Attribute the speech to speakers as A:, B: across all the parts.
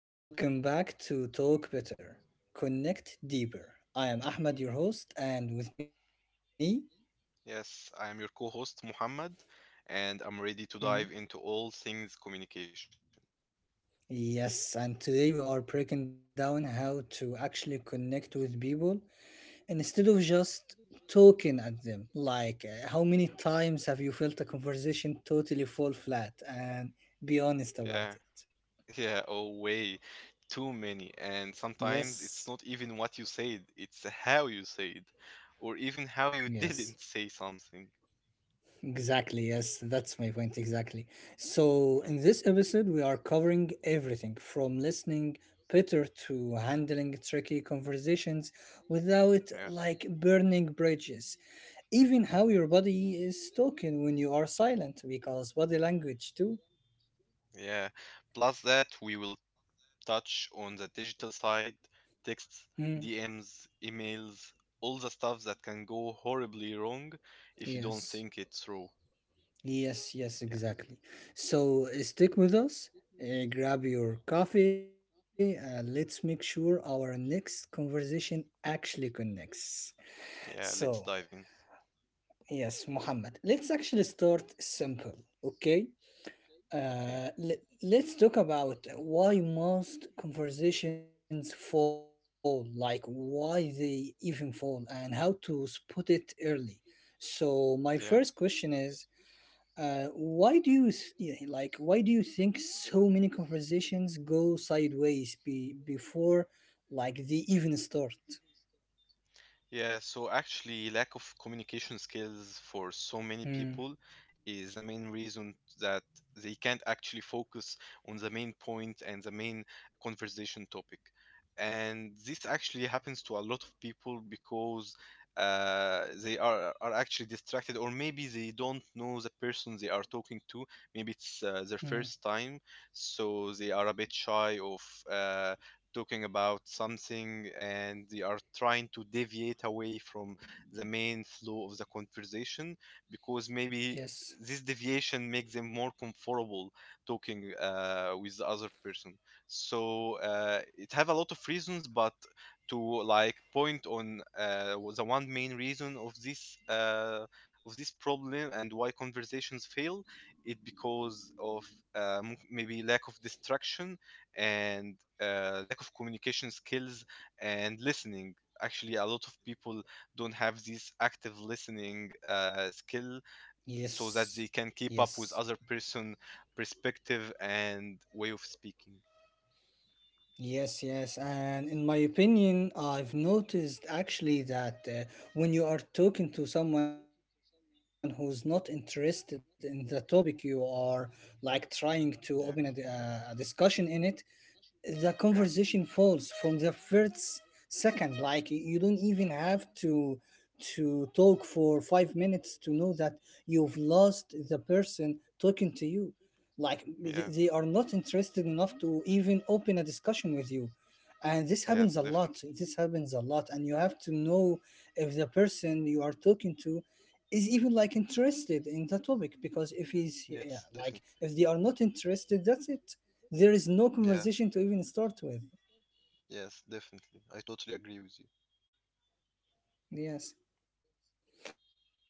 A: Hey everyone, welcome back to Talk Better, Connect Deeper. I am Ahmed, your host, and with me,
B: Yes, I am your co host, Muhammad, and I'm
A: Mhm.
B: ready to dive into all things communication.
A: Yes, and today we are breaking down how to actually connect with people instead of just talking at them. How many times have you felt a conversation totally fall flat? And be honest
B: Yeah,
A: about it.
B: yeah, oh, way too many. And sometimes it's not
A: Yes,
B: even what you said, it's how you said, or even how you
A: yes.
B: didn't say something.
A: Exactly, yes, that's my point, exactly. So, in
B: Yeah,
A: this episode, we are covering everything from listening better to handling tricky conversations without
B: yeah,
A: burning bridges, even how your
B: mhm,
A: body is talking when you are silent, because body language, too.
B: yeah. Plus, that we will touch on the digital side,
A: Mm,
B: texts, DMs, emails, all the stuff that can go horribly wrong if you don't
A: yes,
B: think it through.
A: yes, yes,
B: Yeah.
A: exactly. So, stick with us. Grab your coffee and let's make sure our next conversation actually connects. So,
B: Yeah, let's dive in.
A: yes, Muhammad, let's actually start simple, okay?
B: Okay.
A: Let's talk about why most conversations fall, like why they even fall, and how to spot it early. So, my first
B: Yeah.
A: question is, why do you th- yeah, like? Why do you think so many conversations go sideways before, they even start?
B: So lack of communication skills for so many people
A: Hmm.
B: is the main reason that they can't actually focus on the main point and the main conversation topic. And this actually happens to a lot of people because they are actually distracted, or maybe they don't know the person they are talking to. Maybe it's their first
A: hmm.
B: time, so they are a bit shy of uh, talking about something, and they are trying to deviate away from the main flow of the conversation because maybe this
A: Yes.
B: deviation makes them more comfortable talking with the other person. So it have a lot of reasons, but to like point on the one main reason of this problem and why conversations fail, it because of maybe lack of distraction and lack of communication skills and listening. Actually, a lot of people don't have this active listening skill so that they
A: Yes.
B: can keep up with other
A: Yes.
B: person perspective and way of speaking.
A: Yes, yes. And in my opinion, I've noticed actually that when you are talking to someone who's not interested in the topic you are trying to open a
B: Yeah,
A: discussion in it, the conversation falls
B: yeah,
A: from the first second. Like, you don't even have to talk for 5 minutes to know that you've lost the person talking to you. Like they are
B: yeah,
A: not interested enough to even open a discussion with you, and this happens a
B: yes,
A: lot.
B: definitely.
A: This happens a lot, and you have to know if the person you are talking to is even interested in the topic, because if he's yeah,
B: Yes,
A: like
B: definitely.
A: if they are not interested, that's it. There is no
B: Yeah,
A: conversation to even start with.
B: yes, definitely. I totally agree with you.
A: Yes, yes. And by talking about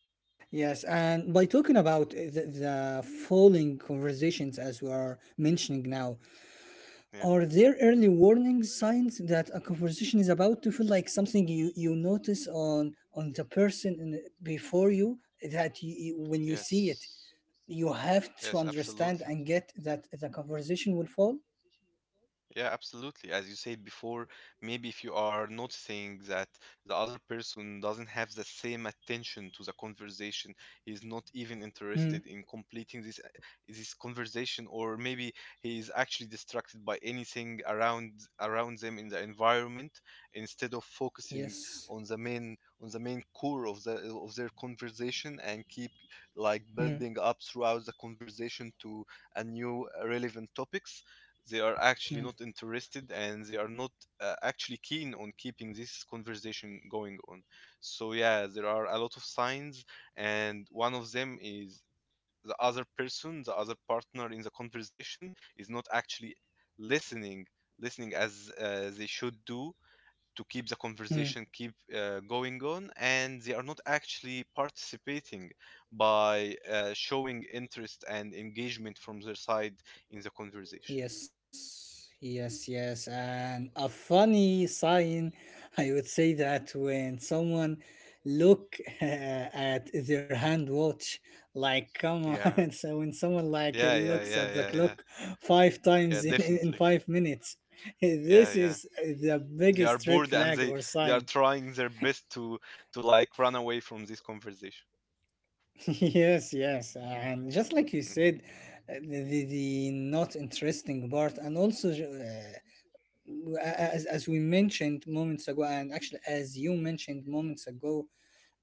A: the falling conversations, as we are mentioning now, are there early warning signs
B: Yeah.
A: that a conversation is about to feel like something you, you notice on the person in, before you that you- when you see it, you have to
B: Yes.
A: understand and get
B: Yes,
A: that the
B: absolutely.
A: conversation will fall.
B: Yeah, absolutely. As you said before, maybe if you are noticing that the other person doesn't have the same attention to the conversation, is not even
A: Hmm.
B: interested in completing this conversation, or maybe he is actually distracted by anything around them in the environment instead of focusing
A: Yes.
B: on the main core of their conversation and keep like building
A: Hmm.
B: up throughout the conversation to a new relevant topics. They are actually not
A: Hmm.
B: interested, and they are not actually keen on keeping this conversation going on. So, yeah, there are a lot of signs, and one of them is the other person, the other partner in the conversation is not actually listening, listening as they should do to keep the
A: Hmm.
B: conversation keep going on, and they are not actually participating by showing interest and engagement from their side in the conversation.
A: Yes, yes, yes. And a funny sign, I would say, that when someone look at their hand watch, like come on,
B: Yeah.
A: so when someone like
B: Yeah, yeah,
A: looks at
B: yeah,
A: the
B: yeah, yeah.
A: clock five times
B: Yeah,
A: in
B: definitely.
A: 5 minutes, this
B: Yeah, yeah.
A: is the
B: They
A: biggest
B: are
A: red
B: bored, and
A: flag or
B: they
A: sign.
B: are trying their best to like run away from this conversation.
A: Yes, yes, and just like you
B: Hmm.
A: said, the not interesting part, and also as we mentioned moments ago, and actually as you mentioned moments ago,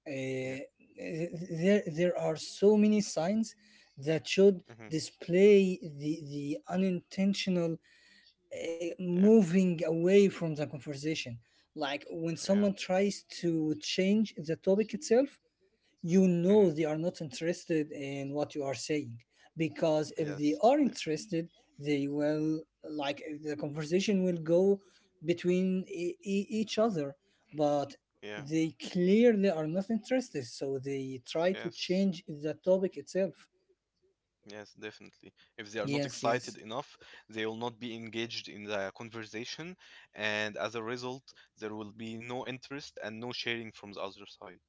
A: uh,
B: Yeah.
A: there there are so many signs that should
B: Hmm.
A: display the unintentional
B: Yeah.
A: moving away from the conversation, like when
B: Yeah.
A: someone tries to change the topic itself. You know
B: Hmm.
A: they are not interested in what you are saying, because if they
B: Yes,
A: are
B: definitely.
A: interested, they will, like the conversation will go between each other, but
B: Yeah.
A: they clearly are not interested, so they try to
B: Yes.
A: change the topic itself.
B: Yes, definitely. If they are not
A: Yes, yes.
B: excited enough, they will not be engaged in the conversation, and as a result, there will be no interest and no sharing from the other side.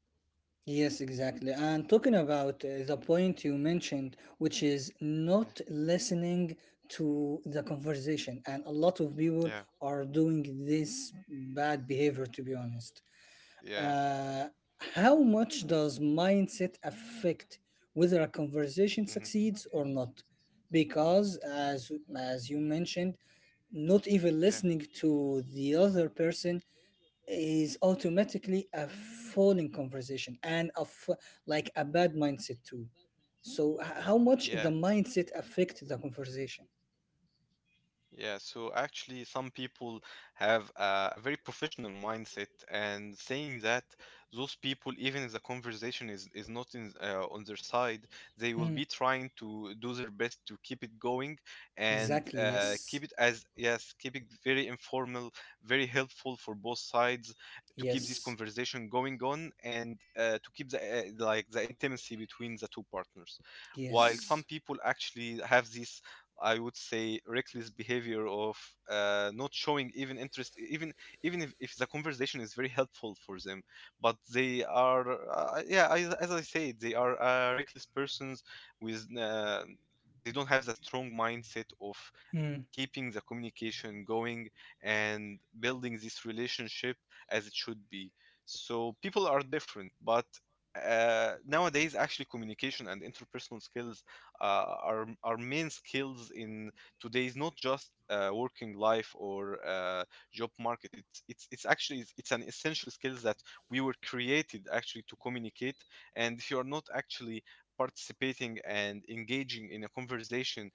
A: Yes, exactly. And talking about the point you mentioned, which is not listening to the conversation, and a lot of people
B: Yeah,
A: are doing this bad behavior, to be honest.
B: yeah,
A: Uh, how much does mindset affect whether a conversation
B: yeah. Hmm.
A: succeeds or not? Because, as you mentioned, not even
B: Yeah,
A: listening to the other person is automatically a falling conversation and a f- like a bad mindset too. So how much the
B: yeah.
A: mindset affect the conversation?
B: So some people have a very professional mindset, and saying that those people, even if the conversation is not on their side, they will
A: Hmm.
B: be trying to do their best to keep it going and
A: Exactly. Yes.
B: keep it as, yes, keep it very informal, very helpful for both sides to keep this
A: Yes.
B: conversation going on and to keep the like the intimacy between the two partners. While
A: Yes.
B: some people actually have this, I would say, reckless behavior of not showing even interest, even if the conversation is very helpful for them. But they are, as I said, they are reckless persons with they don't have the strong mindset of
A: Hmm.
B: keeping the communication going and building this relationship as it should be. So people are different, but nowadays actually communication and interpersonal skills are main skills in today's not just working life or job market. It's actually it's an essential skills that we were created actually to communicate. And if you are not actually participating and engaging in a conversation,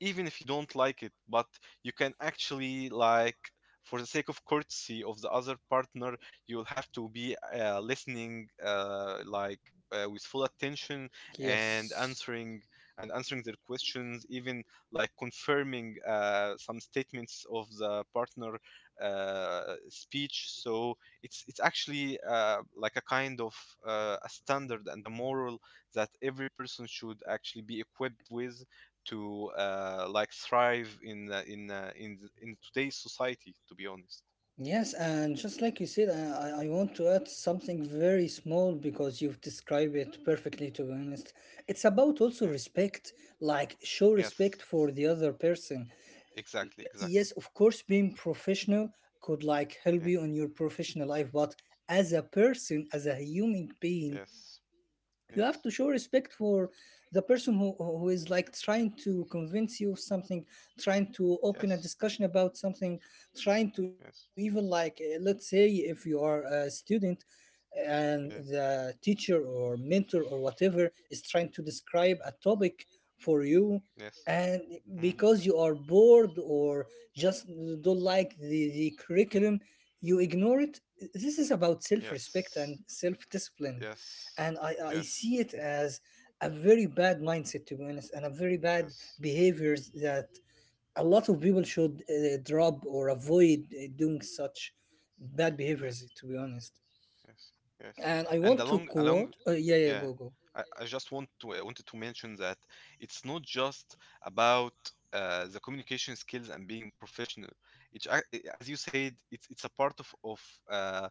B: even if you don't like it, but you can actually like for the sake of courtesy of the other partner, you'll have to be listening with full attention and
A: Yes.
B: answering their questions, even like confirming some statements of the partner speech. So it's actually like a kind of a standard and a moral that every person should actually be equipped with to like thrive in in today's society. To be honest,
A: Yes, and just like you said, I want to add something very small because you've described it perfectly, to be honest. It's about also
B: yeah,
A: respect, like show respect
B: yes,
A: for the other person.
B: exactly,
A: Yes,
B: exactly,
A: of course, being professional could like help
B: yeah,
A: you on your professional life, but as a person, as a human being,
B: yes,
A: you have
B: yes,
A: to show respect for the person who is like trying to convince you of something, trying to open a
B: yes,
A: discussion about something, trying to even
B: yes,
A: like, let's say, if you are a student and
B: yeah,
A: the teacher or mentor or whatever is trying to describe a topic for you,
B: yes,
A: and
B: hmm,
A: because you are bored or just don't like the curriculum you ignore it, this is about self-respect
B: yes,
A: and self-discipline.
B: yes,
A: And I
B: yes,
A: see it as a very bad mindset, to be honest, and a very bad
B: yes,
A: behaviors that a lot of people should drop or avoid doing such bad behaviors,
B: yes,
A: to be honest.
B: yes, yes.
A: And I
B: And
A: want to
B: along, along,
A: quote yeah yeah
B: yeah,
A: go go
B: I just want to I wanted to mention that it's not just about the communication skills and being professional. It's as you said, it's a part of uh,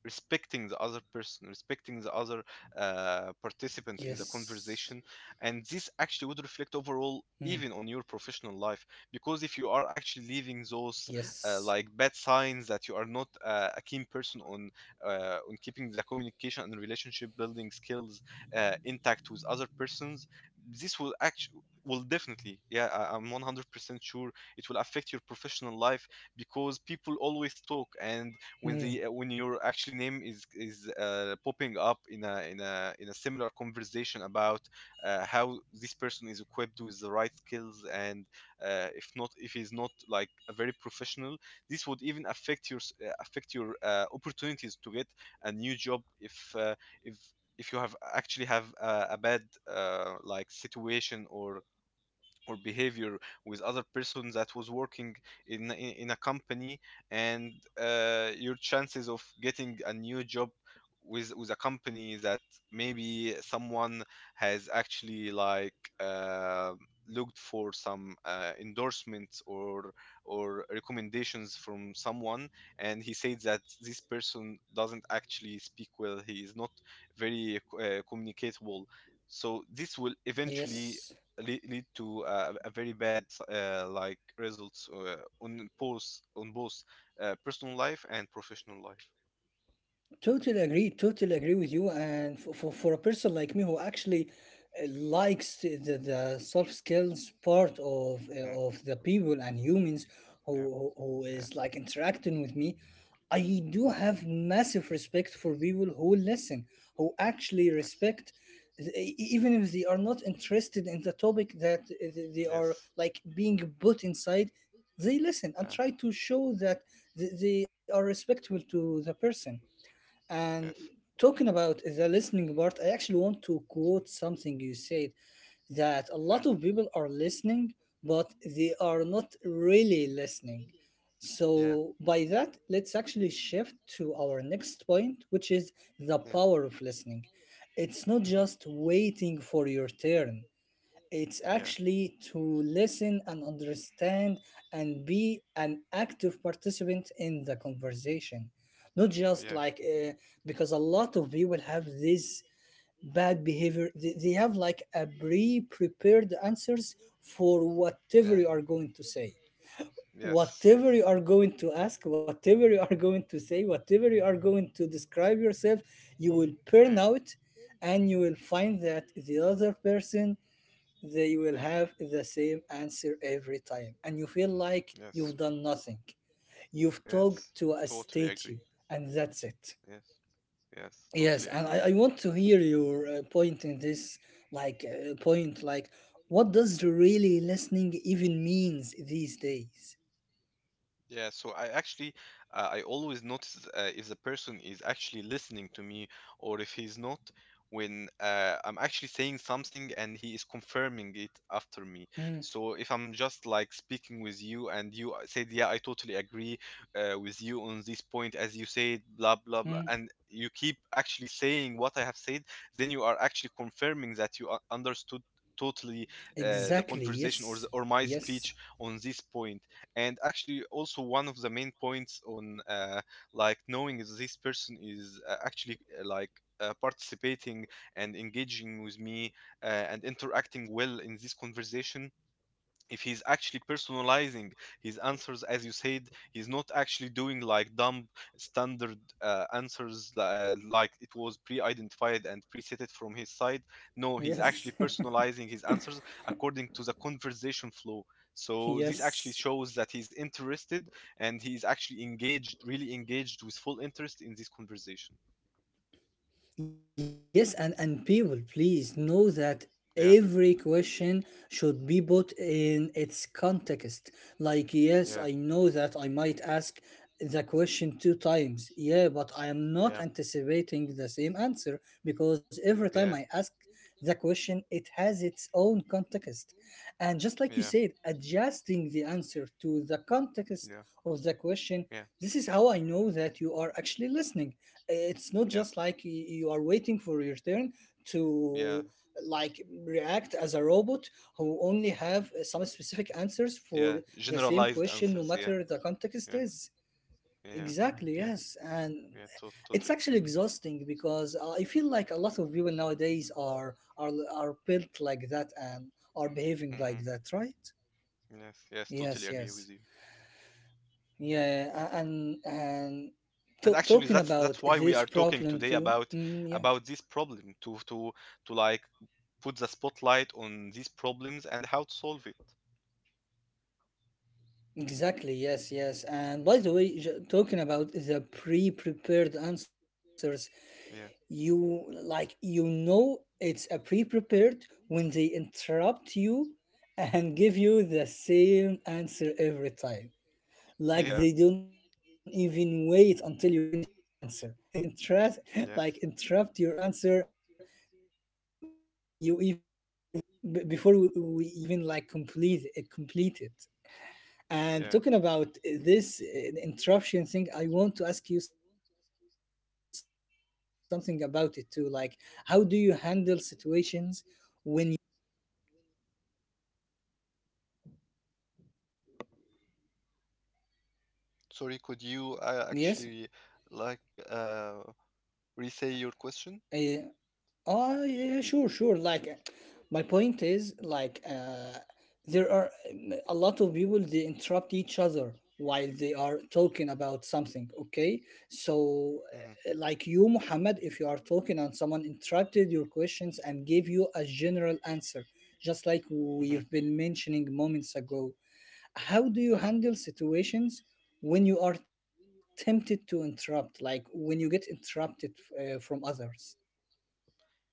B: respecting the other person, respecting the other
A: Yes.
B: participant in the conversation. And this
A: Hmm.
B: actually would reflect overall even on your professional life, because if you are
A: Yes.
B: actually leaving those like bad signs that you are not a keen person on keeping the communication and relationship building skills intact with other persons, this will actually will definitely I'm 100% sure it will affect your professional life, because people
A: Hmm.
B: always talk, and when the when your actually name is popping up in a in a in a similar conversation about how this person is equipped with the right skills, and if not, if he's not like a very professional, this would even affect affect your opportunities to get a new job if if if you have a bad like situation or behavior with other person that was working in in, in a company, and your chances of getting a new job with a company that maybe someone has actually like uh, looked for some endorsements or recommendations from someone, and he said that this person doesn't actually speak well, he is not very communicatable, so this will
A: Yes.
B: eventually lead to a very bad like results on both personal life and professional life.
A: Totally agree. Totally agree with you. And for a person like me who actually likes the soft skills part
B: Mhm.
A: of the people and humans
B: Yeah,
A: who is
B: yeah,
A: like interacting with me, I do have
B: yeah.
A: massive respect for people who listen, who actually
B: Yes,
A: respect, even if they are not interested in the topic that they are
B: yes,
A: like being put inside. They listen and try
B: yeah,
A: to show that they are respectful to the person. And
B: yes,
A: talking about the listening part, I actually want to quote something you said, that a lot
B: yeah,
A: of people are listening, but they are not really listening.
B: yeah,
A: So, by that, let's actually shift to our next point, which is the
B: yeah.
A: power of listening. It's not
B: Hmm.
A: just waiting for your turn, it's
B: Yeah,
A: actually to listen and understand and be an active participant in the conversation. Not just
B: yeah,
A: like, because a lot of people have this bad behavior. They have like a pre prepared answers for
B: yeah.
A: whatever you are going to say.
B: Yes, yes,
A: Whatever you are going to ask, whatever you are going to say, whatever you are going to describe yourself, you will burn
B: yeah,
A: out and you will find that the other person, they will
B: yeah,
A: have the same answer every time, and you feel like you've
B: yes.
A: done nothing. You've talked
B: Yes,
A: to a
B: totally
A: statue,
B: agree.
A: and that's it.
B: Yes, yes, totally agree.
A: I want to hear your point in this, like, what does really listening even means these days?
B: Yeah, so I actually I always notice if the person is actually listening to me or if he's not, when I'm actually saying something and he is confirming it after me.
A: Mm,
B: So if I'm just like speaking with you and you said, "Yeah, I totally agree with you on this point," as you said, blah blah blah,
A: mm,
B: and you keep actually saying what I have said, then you are actually confirming that you understood totally the
A: exactly.
B: conversation or or
A: Yes.
B: my speech
A: Yes.
B: on this point. And actually also one of the main points on like knowing if this person is actually participating and engaging with me and interacting well in this conversation, if he's actually personalizing his answers, as you said, he's not actually doing like dumb standard answers like it was pre-identified and presetted from his side, no, he's actually personalizing his
A: Yes.
B: answers according to the conversation flow, so this actually shows that he's
A: yes.
B: interested and he's actually engaged, really engaged, with full interest in this conversation.
A: Yes, and people, please know that
B: Yeah.
A: every question should be put in its context. Like, yes,
B: Yeah.
A: I know that I might ask the question two times. Yeah, but I am
B: Yeah.
A: not anticipating the same answer, because every
B: Yeah.
A: time I ask the question, it has its own context. And just
B: Yeah.
A: like you
B: Yeah.
A: said, adjusting the answer to the context of the question.
B: Yeah.
A: This is how I know that you are actually listening. It's not
B: Yes.
A: just like you are waiting for your turn
B: Yeah.
A: to like react as a robot who only have some specific answers for
B: Yeah.
A: the same
B: Generalized
A: question no
B: answers. Yeah.
A: matter the context
B: Yeah.
A: is.
B: Yeah.
A: Exactly,
B: Yeah.
A: yes. And
B: Yeah. Totally
A: it's
B: agree.
A: actually exhausting, because I feel like a lot of people nowadays are built like that and are behaving
B: Hmm.
A: like that, right?
B: Yes, yes, totally
A: Yes,
B: agree with
A: yes.
B: you.
A: yeah a- and
B: And
A: To,
B: actually
A: talking
B: that's
A: about
B: why we
A: this
B: are talking
A: problem
B: today
A: too.
B: about
A: Mm, yeah.
B: this problem to like put the spotlight on these problems and how to solve it.
A: Exactly, yes, yes. And by the way, talking about the pre-prepared answers,
B: Yeah.
A: you like you know it's a pre-prepared when they interrupt you and give you the same answer every time. Like, they
B: Yeah.
A: don't even wait until you finish your answer. They will interrupt,
B: Yes.
A: like interrupt your answer you even like complete it, complete it.
B: Yeah.
A: And talking about this interruption thing, I want to ask you something about it too. Like, how do you handle situations when you are tempted to interrupt people or being interrupted by people?
B: Sorry, could you actually like
A: Yes,
B: uh, re-say your question?
A: uh, Ah, yeah, sure, sure. My point is, like, there are a lot of people they interrupt each other while they are talking about something. Okay, so
B: Hmm.
A: like you, Muhammad, if you are talking and someone interrupted your questions and gave you a general answer, just like
B: Hmm.
A: we've been mentioning moments ago, how do you
B: Yeah.
A: handle situations when you are tempted to interrupt, like when you get interrupted from others?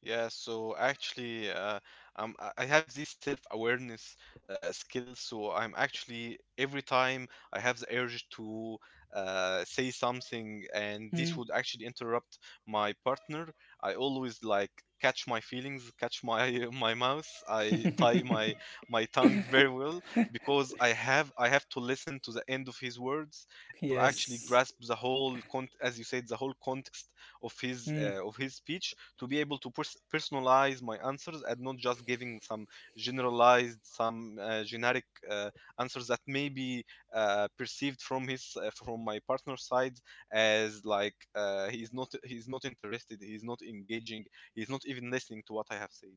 B: Yeah, so actually, I have this self-awareness skill. So I'm actually every time I have the urge to say something, and this would actually interrupt my partner. I always like catch my feelings, catch my my mouth. I tie my tongue very well, because I have to listen to the end of his words to actually
A: yes.
B: grasp the whole con, as you said, the whole context
A: Mm.
B: of his speech to be able to personalize my answers and not just giving some generalized, some generic answers that may be perceived from his from my partner's side as like he's not interested, he's not engaging, he's not even listening to what I have said.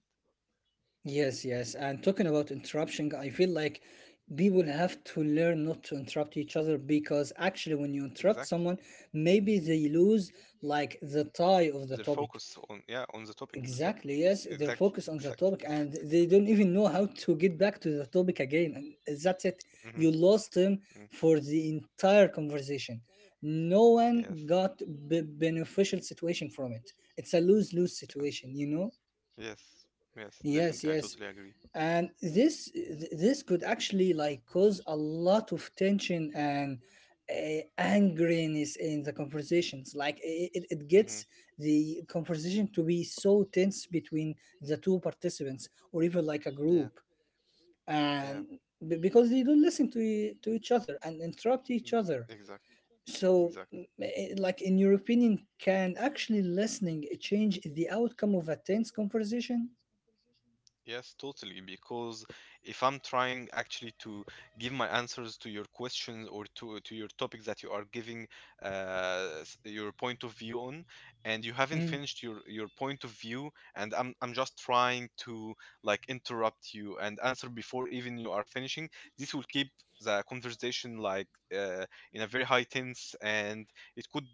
A: Yes, yes. And talking about interruption, I feel like people have to learn not to interrupt each other, because actually, when you interrupt
B: Exactly.
A: someone, maybe they lose like the tie of
B: Their
A: the
B: focus
A: topic.
B: on, yeah, on the topic بالظبط.
A: Exactly, yes, they're
B: Exactly.
A: focused on the
B: Exactly.
A: topic and they don't even know how to get back to the topic again. And that's it.
B: Hmm.
A: You lost them for the entire conversation. No one
B: Yes.
A: got beneficial situation from it. It's a lose-lose
B: Yes.
A: situation, you know?
B: Yes. Yes.
A: Yes,
B: Definitely. I
A: yes.
B: totally agree.
A: And this could actually like cause a lot of tension and angriness in the conversations. Like, it
B: Mm-hmm.
A: gets the conversation to be so tense between the two participants or even like a
B: Yeah.
A: group.
B: Yeah.
A: And because they don't listen to to each other and interrupt each
B: B-
A: other.
B: Exactly.
A: So
B: Exact.
A: mm, eh, like in your opinion, can actually listening change the outcome of a tense conversation?
B: Yes, totally. Because if I'm trying actually to give my answers to your questions or to your topic that you are giving your point of view on, and you
A: Hmm.
B: haven't finished your point of view, and I'm just trying to like interrupt you and answer before even you are finishing, this will keep the conversation like uh, in a very high tense, and it could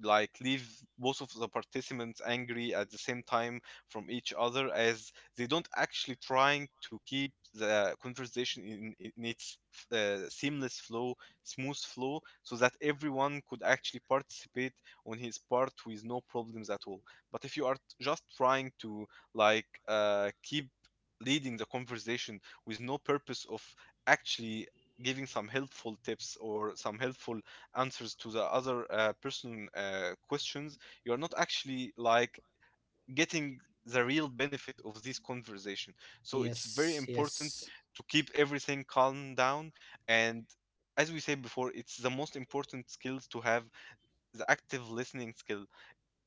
B: like leave both of the participants angry at the same time from each other as they don't actually trying to keep the conversation in its seamless flow, smooth flow, so that everyone could actually participate on his part with no problems at all. But if you are just trying to like keep leading the conversation with no purpose of actually giving some helpful tips or some helpful answers to the other person questions you are not actually like getting the real benefit of this conversation. So it's very
A: Yes,
B: important
A: yes,
B: to keep everything calm down and as we said before, it's the most important skills to have the active listening skills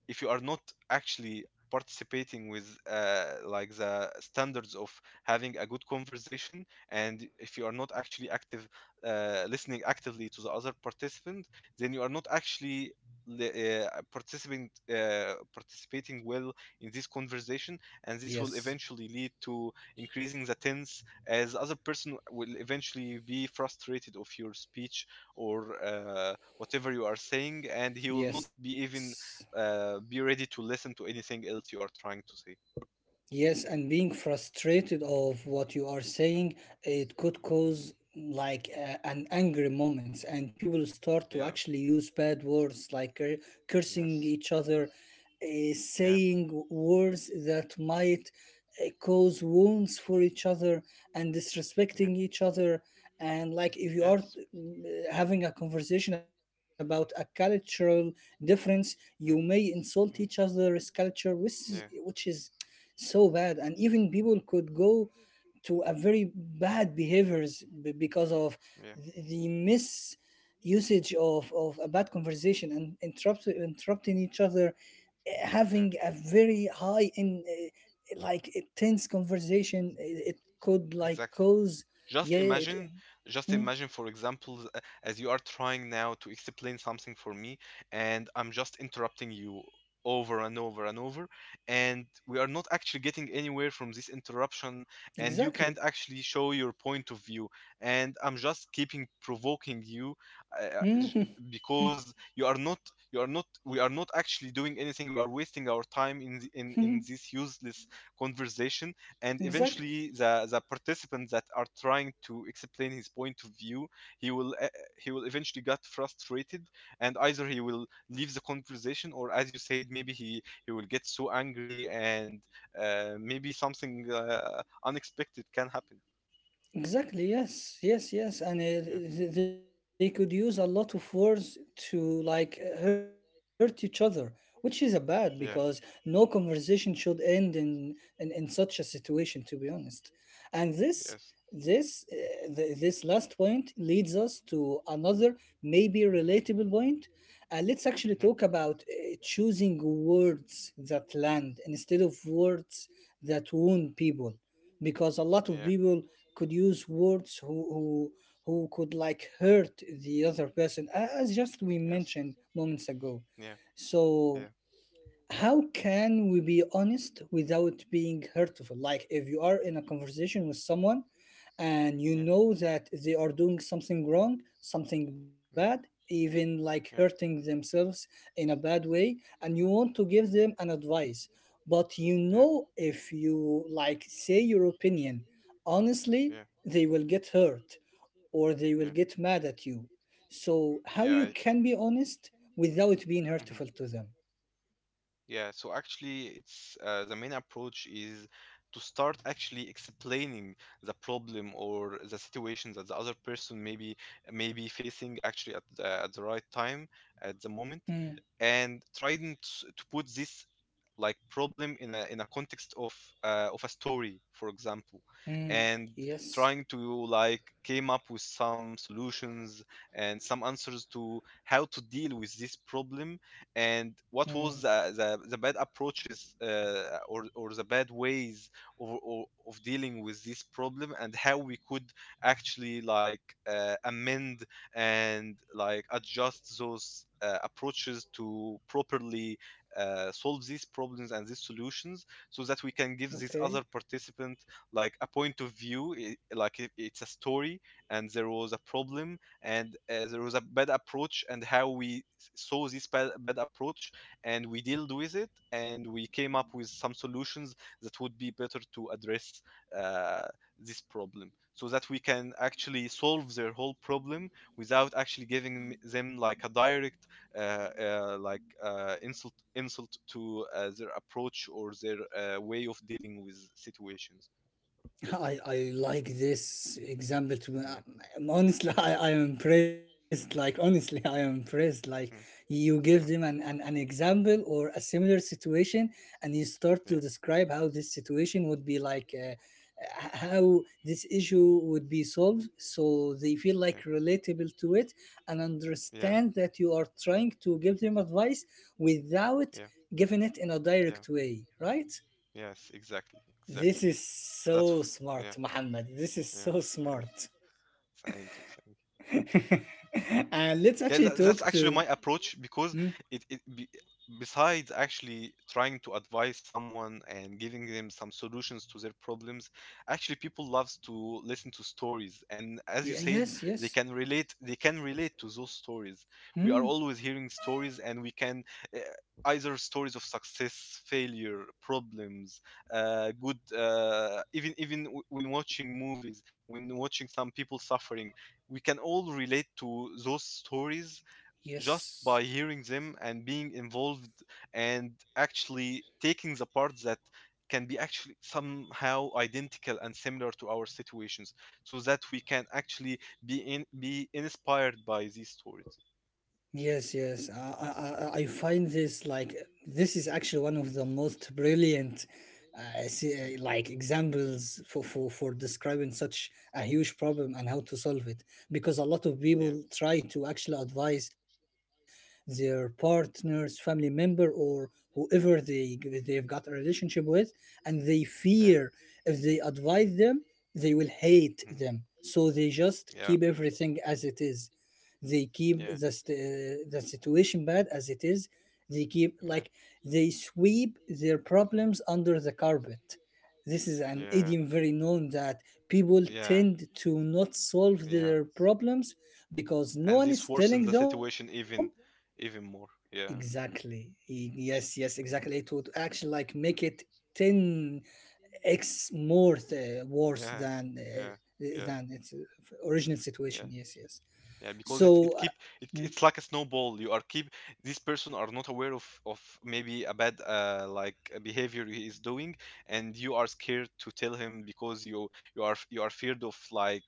B: if you are not actually participating with like the standards of having a good conversation and if you are not actually active listening actively to the other participant then you are not actually participating well in this conversation and this will
A: yes,
B: eventually lead to increasing the tense as the other person will eventually be frustrated of your speech or whatever you are saying and he will not be
A: yes.
B: even be ready to listen to anything else you are trying to say.
A: Yes, and being frustrated of what you are saying, it could
B: Mhm.
A: cause like an angry moments, and people start
B: Yeah.
A: to actually use bad words like cursing
B: Yes.
A: each other,
B: Yeah.
A: saying words that might cause wounds for each other, and
B: Yeah.
A: disrespecting each other. And like if you are
B: Yes.
A: having a conversation about a cultural difference,
B: Mm.
A: you may insult
B: Mm.
A: each other's culture, which is,
B: Yeah.
A: which is so bad, and even people could go to a very bad behaviors because of
B: Yeah.
A: the mis usage of a bad conversation, and interrupting each other, having
B: Yeah.
A: a very high in like a tense conversation, it could like
B: Exactly.
A: cause.
B: Just
A: Yeah, it.
B: imagine, just
A: Hmm.
B: imagine, for example, as you are trying now to explain something for me, and I'm just interrupting you over and over and over, and we are not actually getting anywhere from this interruption, and you can't
A: Exactly.
B: actually show your point of view, and I'm just keeping provoking you, uh, uh, j- because you are not, we are not actually doing anything. We are wasting our time in in this useless conversation and
A: Exactly.
B: eventually the participants that are trying to explain his point of view he will uh, he will eventually get frustrated and either he will leave the conversation or as you said maybe he will get so angry and maybe something unexpected can happen.
A: Exactly, yes, yes, yes. And
B: Yeah,
A: they could use a lot of words to like hurt each other, which is a bad
B: yeah,
A: because no conversation should end in such a situation, to be honest. And
B: yes.
A: this last point leads us to another maybe relatable point. Let's
B: Hmm.
A: actually talk about choosing words that land instead of words that wound people, because a
B: Yeah.
A: lot of people could use words who could like hurt the other person, as just we
B: Yes.
A: mentioned moments ago.
B: Yeah, yeah,
A: So how can we be honest without being hurtful? Like, if you are in a conversation with someone
B: yeah, yeah,
A: and you know that
B: yeah, mm,
A: they are doing something wrong, something bad, even like hurting themselves in a bad way, and you want to give them an advice, but you know if you like say your opinion
B: yeah, yeah,
A: honestly, they will get hurt or they
B: yeah,
A: will get mad at you. So how
B: yeah.
A: you can be honest without being
B: Mhm.
A: hurtful to them?
B: Yeah, so actually, it's the main approach is to start actually explaining the problem or the situation that the other person may be facing actually at the right time at the moment,
A: Hmm.
B: and trying to put this like problem in a context of a story, for example,
A: Mm,
B: and trying
A: yes.
B: to like came up with some solutions and some answers to how to deal with this problem and what
A: Mm,
B: was the bad approaches or the bad ways of dealing with this problem and how we could actually like amend and like adjust those approaches to properly solve these problems and these solutions so that we can give this other
A: okay.
B: participant like a point of view like if it's a story and there was a problem and there was a bad approach and how we saw this bad, bad approach and we dealt with it and we came up with some solutions that would be better to address uh, this problem so that we can actually solve their whole problem without actually giving them like a direct insult to their approach or their way of dealing with situations.
A: I like this example to
B: Yeah.
A: honestly. I am impressed,
B: Mhm.
A: like, honestly, I am impressed, like
B: Mhm.
A: you give
B: Yeah.
A: them an example or a similar situation, and you start to describe how this situation would be like, how this issue would be solved, so they feel like relatable to it and
B: Yeah.
A: understand that you are trying to give them advice without
B: Yeah.
A: giving it in a direct way, right?
B: Yes. Exactly.
A: This
B: Exactly.
A: is
B: this
A: so
B: That's. Smart.
A: smart, Muhammad. This is
B: Yeah.
A: so
B: Man, this
A: smart.
B: smart. Thank you. Thank you.
A: And let's
B: Yeah,
A: actually
B: that's
A: talk
B: actually
A: to.
B: my
A: Hmm?
B: approach because it, it be, besides actually trying to advise someone and giving them some solutions to their problems, actually people loves to listen to stories. And as you said,
A: Yes,
B: they
A: yes.
B: can relate. They can relate to those stories. We are
A: Hmm?
B: always hearing stories, and we can uh, either stories of success, failure, problems, good. Even when watching movies, when watching some people suffering we can all relate to those stories just
A: Yes.
B: by hearing them and being involved and actually taking the parts that can be actually somehow identical and similar to our situations so that we can actually be inspired by these stories.
A: Yes, yes. I find this like this is actually one of the most brilliant, like examples for describing such a huge problem and how to solve it. Because a lot of
B: Yeah,
A: people try
B: yeah,
A: to actually advise their partners, family member, or whoever they've got a relationship with, and they fear
B: yeah.
A: if they advise them, they will hate
B: Mhm.
A: them. So they just
B: Yeah,
A: keep everything as it is. They keep
B: yeah,
A: the situation bad as it is. They keep,
B: yeah.
A: like, they sweep their problems under the carpet. This is an
B: Yeah.
A: idiom very known that people
B: Yeah.
A: tend to not solve
B: Yeah.
A: their problems because
B: And
A: no one
B: this
A: is
B: worsens the
A: telling them.
B: situation even even more. Yeah.
A: Exactly. Yes, yes, exactly. It would
B: Yeah.
A: actually like make it 10x more worse
B: Yeah.
A: than
B: Yeah.
A: uh,
B: Yeah.
A: than its original situation.
B: Yeah,
A: Yes, yes.
B: yeah, because it
A: so uh,
B: keep it,
A: mm,
B: it's like a snowball you are keep this person are not aware of maybe a bad like a behavior he is doing and you are scared to tell him because you are feared of like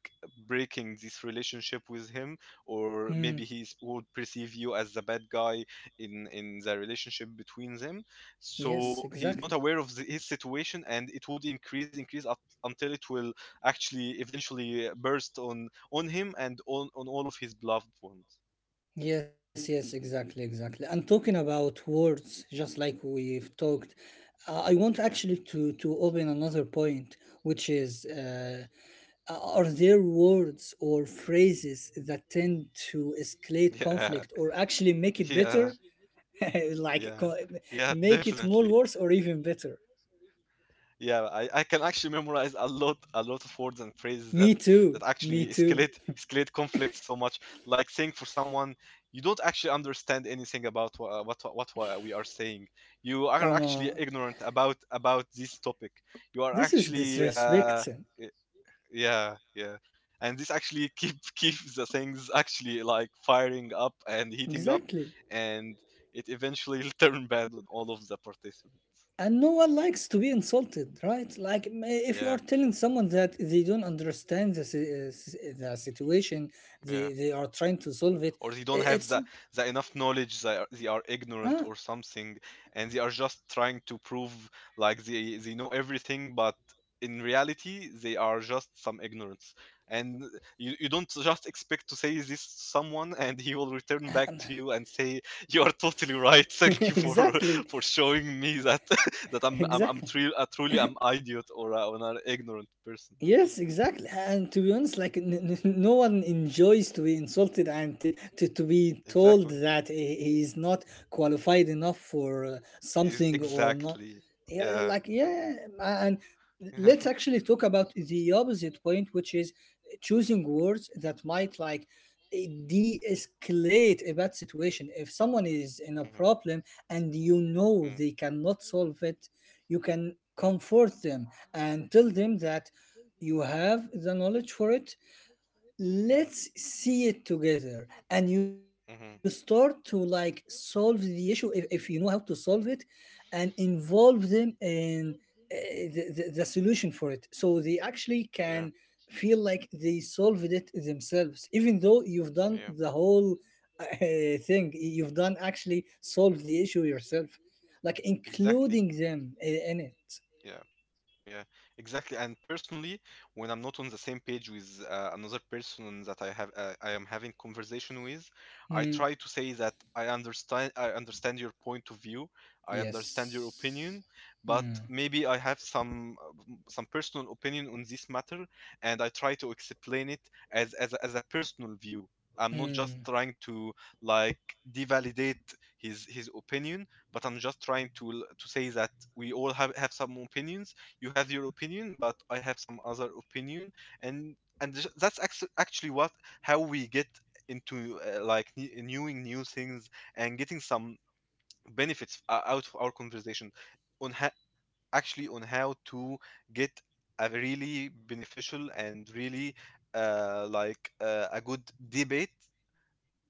B: breaking this relationship with him or maybe he
A: mm.
B: would perceive you as the bad guy in the relationship between them
A: Yes,
B: so he
A: exactly.
B: is not aware of his situation and it would increase up until it will actually eventually burst on him and on all of his loved ones.
A: Yes, yes, exactly, exactly. And talking about words, just like we've talked, I want
B: Yeah.
A: actually to open another point, which is, are there words or phrases that tend to escalate
B: Yeah.
A: conflict or actually make it better,
B: Yeah.
A: like
B: Yeah. Yeah,
A: make it more
B: definitely.
A: worse or even better?
B: Yeah, I can actually memorize a lot of words and phrases that
A: Me too. Me
B: actually
A: too.
B: escalate conflicts so much. Like saying for someone you don't actually understand anything about what we are saying. You are
A: Come
B: actually
A: on.
B: ignorant about this topic. You are
A: This is
B: actually
A: disrespect.
B: y- yeah, yeah, and this actually keep keeps the things actually like firing up and heating up,
A: Exactly.
B: and it eventually will turn bad on all of the participants.
A: And no one likes to be insulted, right? Like, if you
B: Yeah.
A: are telling someone that they don't understand the situation,
B: Yeah.
A: they are trying to solve it,
B: Or they don't have
A: it's
B: the enough knowledge they are ignorant
A: ah,
B: or something and they are just trying to prove like they know everything but in reality they are just some ignorance and you don't just expect to say this to someone and he will return back to you and say you are totally right thank you for
A: Exactly,
B: for showing me that that I'm
A: exactly.
B: tru- truly I'm idiot or an ignorant person.
A: Yes, exactly. And to be honest, like no one enjoys to be insulted and to be told
B: Exactly.
A: that he is not qualified enough for
B: Is
A: something or not.
B: exactly.
A: Yeah,
B: Yeah.
A: like, yeah. And let's actually talk about the opposite point, which is choosing words that might like, de-escalate a bad situation. If someone is in a
B: Mhm.
A: problem and you know
B: Mhm.
A: they cannot solve it, you can
B: Mm,
A: comfort them and tell them that you have the knowledge for it.
B: mm, mhm,
A: Let's see it together and you start to
B: mhm.
A: like solve the issue if you know how to solve it, and involve them in uh, the solution for it, so they actually can
B: Yeah.
A: feel like they solved it themselves, even though you've done
B: Yeah.
A: the whole uh, thing. You've done actually solve the issue yourself, like including
B: Exactly.
A: them in it.
B: Yeah, exactly. And personally, when I'm not on the same page with another person that I am having conversation with, I
A: Hmm.
B: try to say that I understand your point of view, I understand your
A: Yes.
B: opinion, but
A: Hmm.
B: maybe I have some some personal opinion on this matter, and I try to explain it as a personal view. I'm not just
A: Hmm.
B: trying to like devalidate his opinion, but I'm just trying to to say that we all have some opinions you have your opinion but I have some other opinion and and that's actually what how we get into like knowing new things and getting some benefits out of our conversation on ha- actually on how to get a really beneficial and really a good debate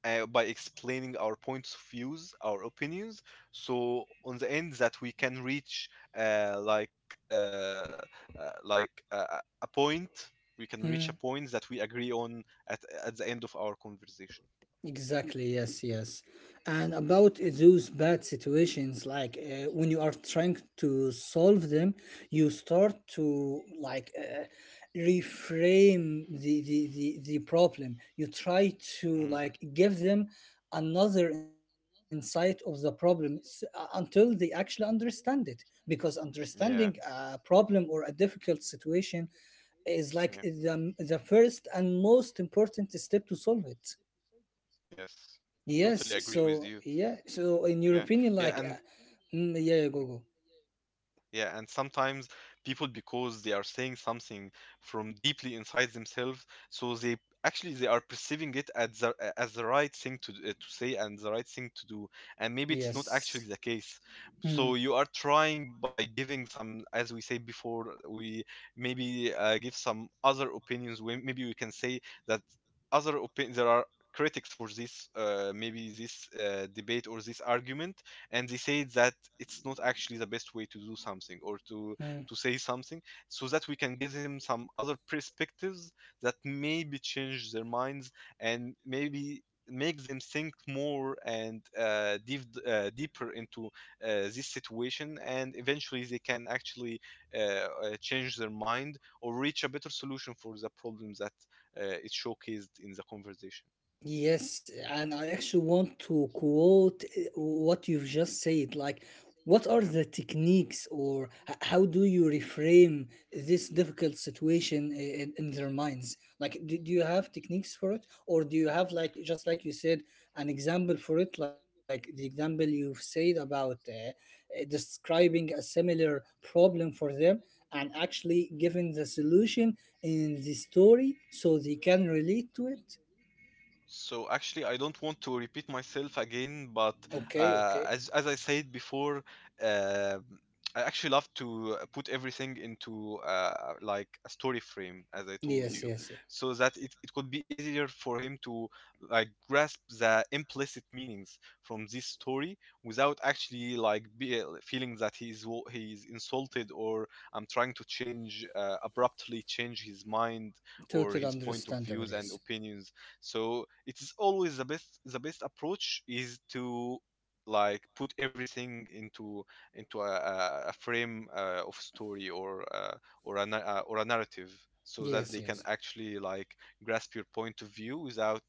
B: by explaining our points of views, our opinions, so on the end that we can reach uh, like uh, uh, a point. We can reach a
A: Hmm.
B: point that we agree on at the end of our conversation.
A: Exactly. Yes. Yes. And
B: Yeah.
A: about those bad situations, like when you are trying to solve them, you start to like reframe the problem. You try to
B: Mm.
A: like give them another insight of the problem until they actually understand it. Because understanding
B: Yeah.
A: a problem or a difficult situation is like
B: Yeah.
A: the first and most important step to solve it.
B: Yes. Totally
A: Yes.
B: agree with you.
A: So yeah. So in your
B: Yeah.
A: opinion,
B: Yeah.
A: like,
B: And
A: yeah, yeah, go.
B: Yeah, and sometimes people because they are saying something from deeply inside themselves, so they are perceiving it as as the right thing to say and the right thing to do, and maybe it's not
A: Yes.
B: actually the case.
A: Mm,
B: So you are trying by giving some, as we say before, we maybe give some other opinions. We, maybe we can say that other opinions there are critics for this maybe this debate or this argument, and they say that it's not actually the best way to do something or to
A: mm.
B: to say something, so that we can give them some other perspectives that maybe change their minds and maybe make them think more and dive deeper into this situation, and eventually they can actually uh, uh, change their mind or reach a better solution for the problem that is showcased in the conversation.
A: Yes, and I actually want to quote what you've just said. Like, what are the techniques, or how do you reframe this difficult situation in their minds? Like, do you have techniques for it, or do you have like just like you said an example for it, like the example you've said about describing a similar problem for them and actually giving the solution in the story so they can relate to it?
B: So actually, I don't want to repeat myself again, but
A: Okay,
B: uh,
A: okay.
B: as as I said before, um I actually love to put everything into like a story frame, as I
A: Yes,
B: told you,
A: yes.
B: so that it could be easier for him to like grasp the implicit meanings from this story without actually like feeling that he's insulted, or I'm trying to change abruptly change his mind or his
A: Total
B: point of views
A: understandable,
B: and
A: yes.
B: opinions. So it is always the best approach is to like put everything into a, a frame of story, or or a narrative, so that they
A: Yes,
B: can
A: yes.
B: actually like grasp your point of view without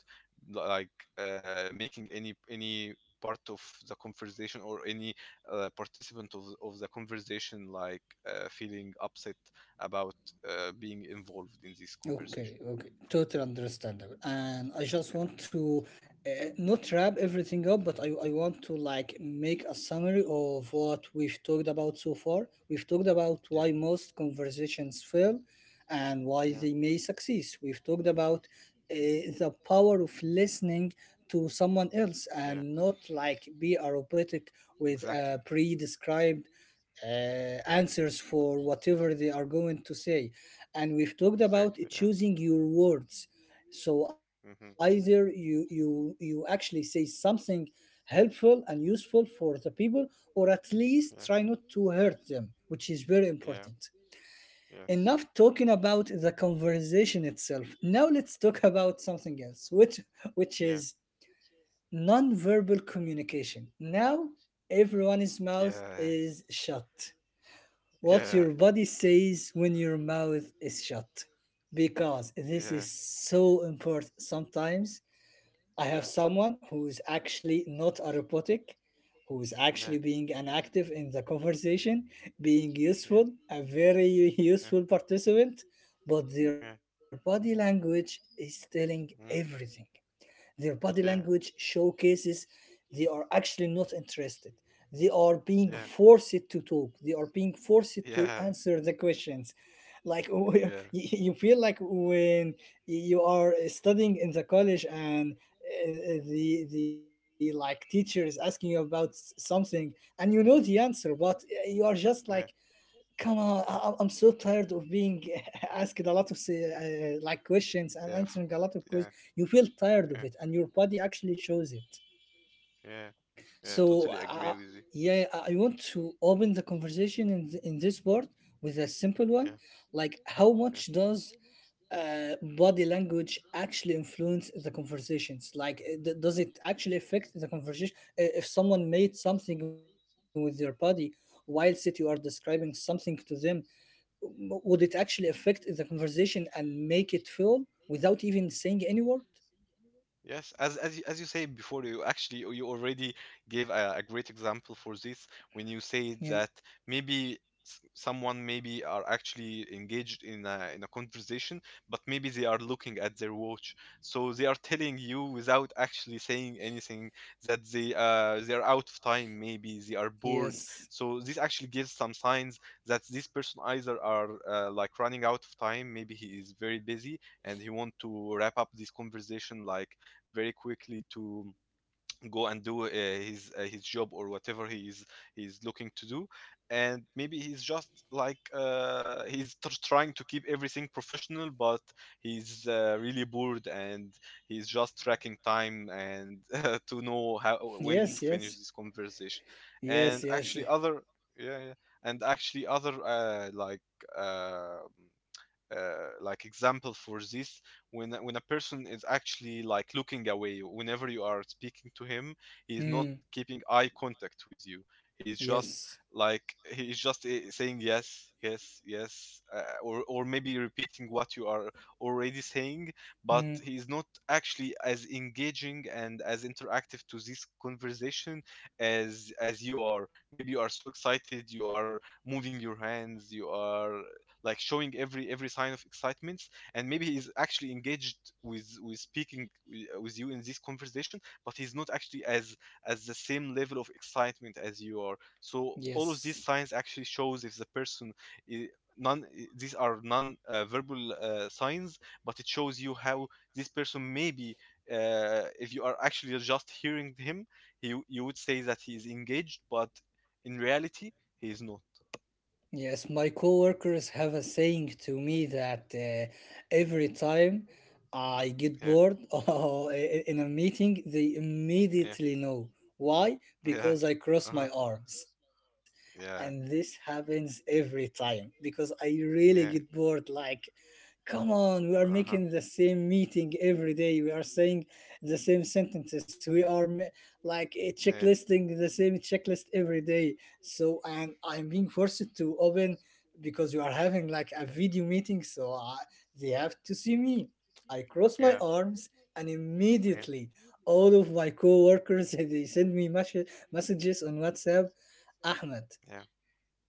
B: like making any part of the conversation or any participant of the conversation like feeling upset about being involved in this conversation.
A: Okay, okay. Total understandable. And I just
B: Yeah.
A: want to not wrap everything up, but I want to like make a summary of what we've talked about so far. We've talked about
B: Yeah.
A: why most conversations fail and why
B: yeah
A: they may succeed. We've talked about uh, the power of listening to someone else
B: yeah,
A: and not like be a robotic with a
B: exactly,
A: pre-described uh, answers for whatever they are going to say, and we've talked about
B: exactly, yeah,
A: choosing your words, so either
B: mm-hmm,
A: you actually say something helpful and useful for the people, or at least try
B: yeah,
A: not to hurt them, which is very important.
B: yeah,
A: Enough
B: yes,
A: talking about the conversation itself. Now let's talk about something else, which
B: yeah,
A: is non-verbal communication. Now everyone's mouth
B: yeah,
A: is shut.
B: yeah, yeah, yeah,
A: What
B: yeah,
A: your body says when your mouth is shut. Because this is so important. Sometimes I have
B: yeah,
A: someone who is actually not a robotic, who is
B: yeah,
A: actually being an active in the conversation, being useful, a very useful participant, but their
B: yeah,
A: body language is telling
B: mm,
A: everything. Their body
B: yeah,
A: language showcases they are actually not interested. They are being
B: yeah,
A: forced to talk. They are being forced
B: yeah,
A: to answer the questions. Like,
B: yeah,
A: you feel like when you are studying in the college, and the like teacher is asking you about something and you know the answer, but you are just like,
B: Yeah.
A: come on, I'm so tired of being asked a lot of like questions and
B: Yeah.
A: answering a lot of
B: Yeah.
A: questions. You feel tired of
B: Yeah.
A: it, and your body actually shows it.
B: Yeah. Yeah.
A: So,
B: Totally agree
A: uh,
B: with you.
A: yeah, I want to open the conversation in in this part with a simple one,
B: Yeah.
A: like how much
B: Yeah.
A: does uh, body language actually influence the conversations? Like, does it actually affect the conversation? If someone made something with their body, whilst it you are describing something to them, would it actually affect the conversation and make it full without even saying any word?
B: Yes, as you say before, you actually you already gave a great example for this when you
A: Yeah.
B: say that maybe someone maybe are actually engaged in a conversation, but maybe they are looking at their watch, so they are telling you without actually saying anything that they are out of time, maybe they are bored.
A: Yes.
B: So this actually gives some signs that this person either are like running out of time, maybe he is very busy and he want to wrap up this conversation like very quickly to go and do his job or whatever he's looking to do, and maybe he's just like trying to keep everything professional, but he's really bored and he's just tracking time and to know how when to
A: Yes,
B: finish
A: yes.
B: this conversation.
A: Yes,
B: And
A: yes.
B: actually other Yeah, yeah. And actually other uh, uh, like example for this, when a person is actually like looking away whenever you are speaking to him. He is not
A: Mm.
B: keeping eye contact with you. He is just
A: Yes.
B: like he is just saying yes yes yes, or maybe repeating what you are already saying, but
A: Mm.
B: he is not actually as engaging and as interactive to this conversation as you are. Maybe you are so excited, you are moving your hands, you are like showing every sign of excitement, and maybe he's actually engaged with speaking with you in this conversation, but he's not actually as the same level of excitement as you are. So all of these
A: Yes.
B: signs actually shows if the person I- non these are non verbal signs, but it shows you how this person maybe if you are actually just hearing him, you would say that he is engaged, but in reality he is not.
A: Yes, my coworkers have a saying to me that every time I get
B: Yeah.
A: bored or in a meeting, they
B: Yeah.
A: immediately know. Why?
B: Yeah.
A: Because I cross my
B: Uh-huh.
A: arms. And this
B: Yeah.
A: happens every time because I really get
B: Yeah.
A: bored, like, come on, we are making
B: Uh-huh. Yeah.
A: the same meeting every day. We are saying the same sentences. We are like checklisting the same checklist every day. So, and
B: Yeah.
A: I'm being forced to open because we are having like a video meeting. So, they have to see me. I cross my
B: Yeah.
A: arms, and
B: Yeah.
A: immediately all of my co-workers they send me messages on WhatsApp. Ahmed,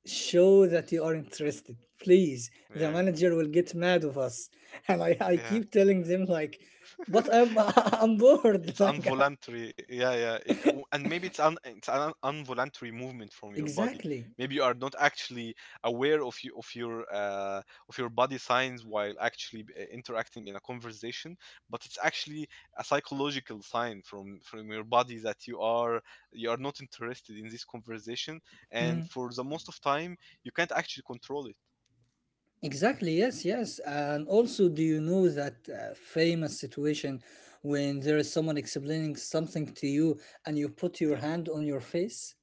A: show that you are interested, please. The
B: Yeah.
A: manager will get mad of us. And I
B: Yeah.
A: keep telling them, like, but I'm I'm bored
B: It's
A: like,
B: involuntary, yeah, yeah, and maybe it's an involuntary movement from your body.
A: exactly.
B: Maybe you are not actually aware of your of your body signs while actually interacting in a conversation, but it's actually a psychological sign from your body that you are not interested in this conversation, and
A: Mm,
B: for the most of time you can't actually control it.
A: exactly, yes, yes. And also, do you know that famous situation when there is someone explaining something to you and you put your
B: Yeah,
A: hand on your face?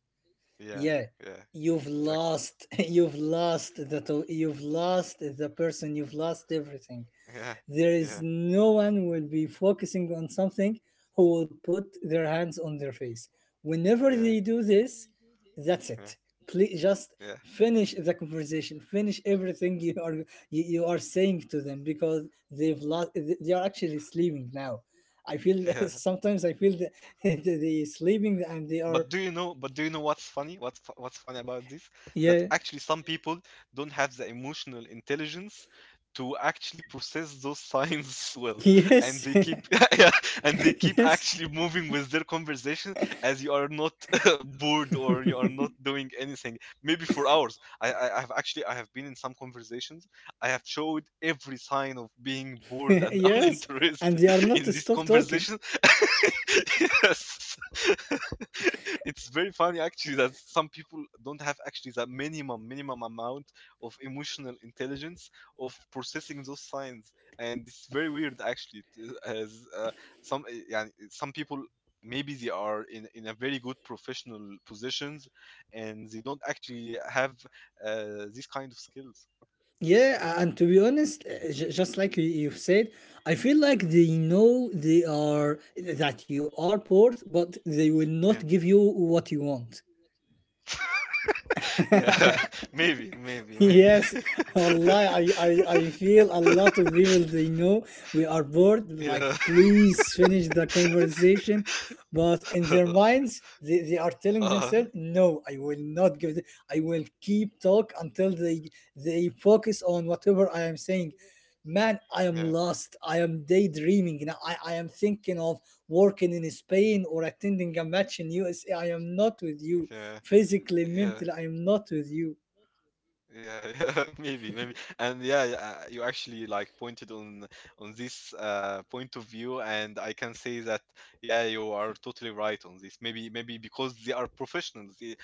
B: yeah,
A: Yeah,
B: yeah.
A: you've
B: Exactly.
A: lost. You've lost you've lost the person, you've lost everything.
B: Yeah.
A: There
B: Yeah.
A: is
B: Yeah.
A: no one will be focusing on something who would put their hands on their face. Whenever
B: Yeah.
A: they do this, that's it.
B: Yeah.
A: Please just
B: Yeah.
A: finish the conversation. Finish everything you are saying to them because they've lost. They are actually sleeping now. I feel,
B: Yeah.
A: sometimes I feel that they sleeping and they
B: But
A: are.
B: do you know? What's funny? What's funny about this? That
A: Yeah.
B: actually some people don't have the emotional intelligence to actually process those signs well, and
A: Yes.
B: they keep yeah, and they keep
A: Yes.
B: actually moving with their conversation as you are not bored, or you are not doing anything. Maybe for hours. I I've actually I have been in some conversations. I have showed every sign of being bored and
A: Yes. And
B: uninterested
A: they are not
B: in
A: to
B: this
A: stop talking.
B: conversation. Yes. It's very funny actually that some people don't have actually that minimum amount of emotional intelligence of processing those signs, and it's very weird actually t- as some yeah, some people maybe they are in a very good professional positions and they don't actually have these kind of skills.
A: Yeah, and to be honest, just like you've said, I feel like they know they are that you are poor, but they will
B: Yeah.
A: not give you what you want.
B: Yeah, maybe, maybe, maybe.
A: Yes, Allah, I feel a lot of people they know we are bored. Like,
B: Yeah.
A: please finish the conversation. But in their minds, they are telling
B: uh
A: themselves, no, I will not give the. I will keep talk until they focus on whatever I am saying. Man, I am
B: Yeah,
A: lost. I am daydreaming. Now I am thinking of working in Spain or attending a match in USA. I am not with you.
B: yeah,
A: Physically,
B: yeah.
A: mentally, I am not with you.
B: Yeah, yeah, maybe, maybe, and yeah, yeah, you actually like pointed on this point of view, and I can say that yeah, you are totally right on this. Maybe, maybe because they are professionals,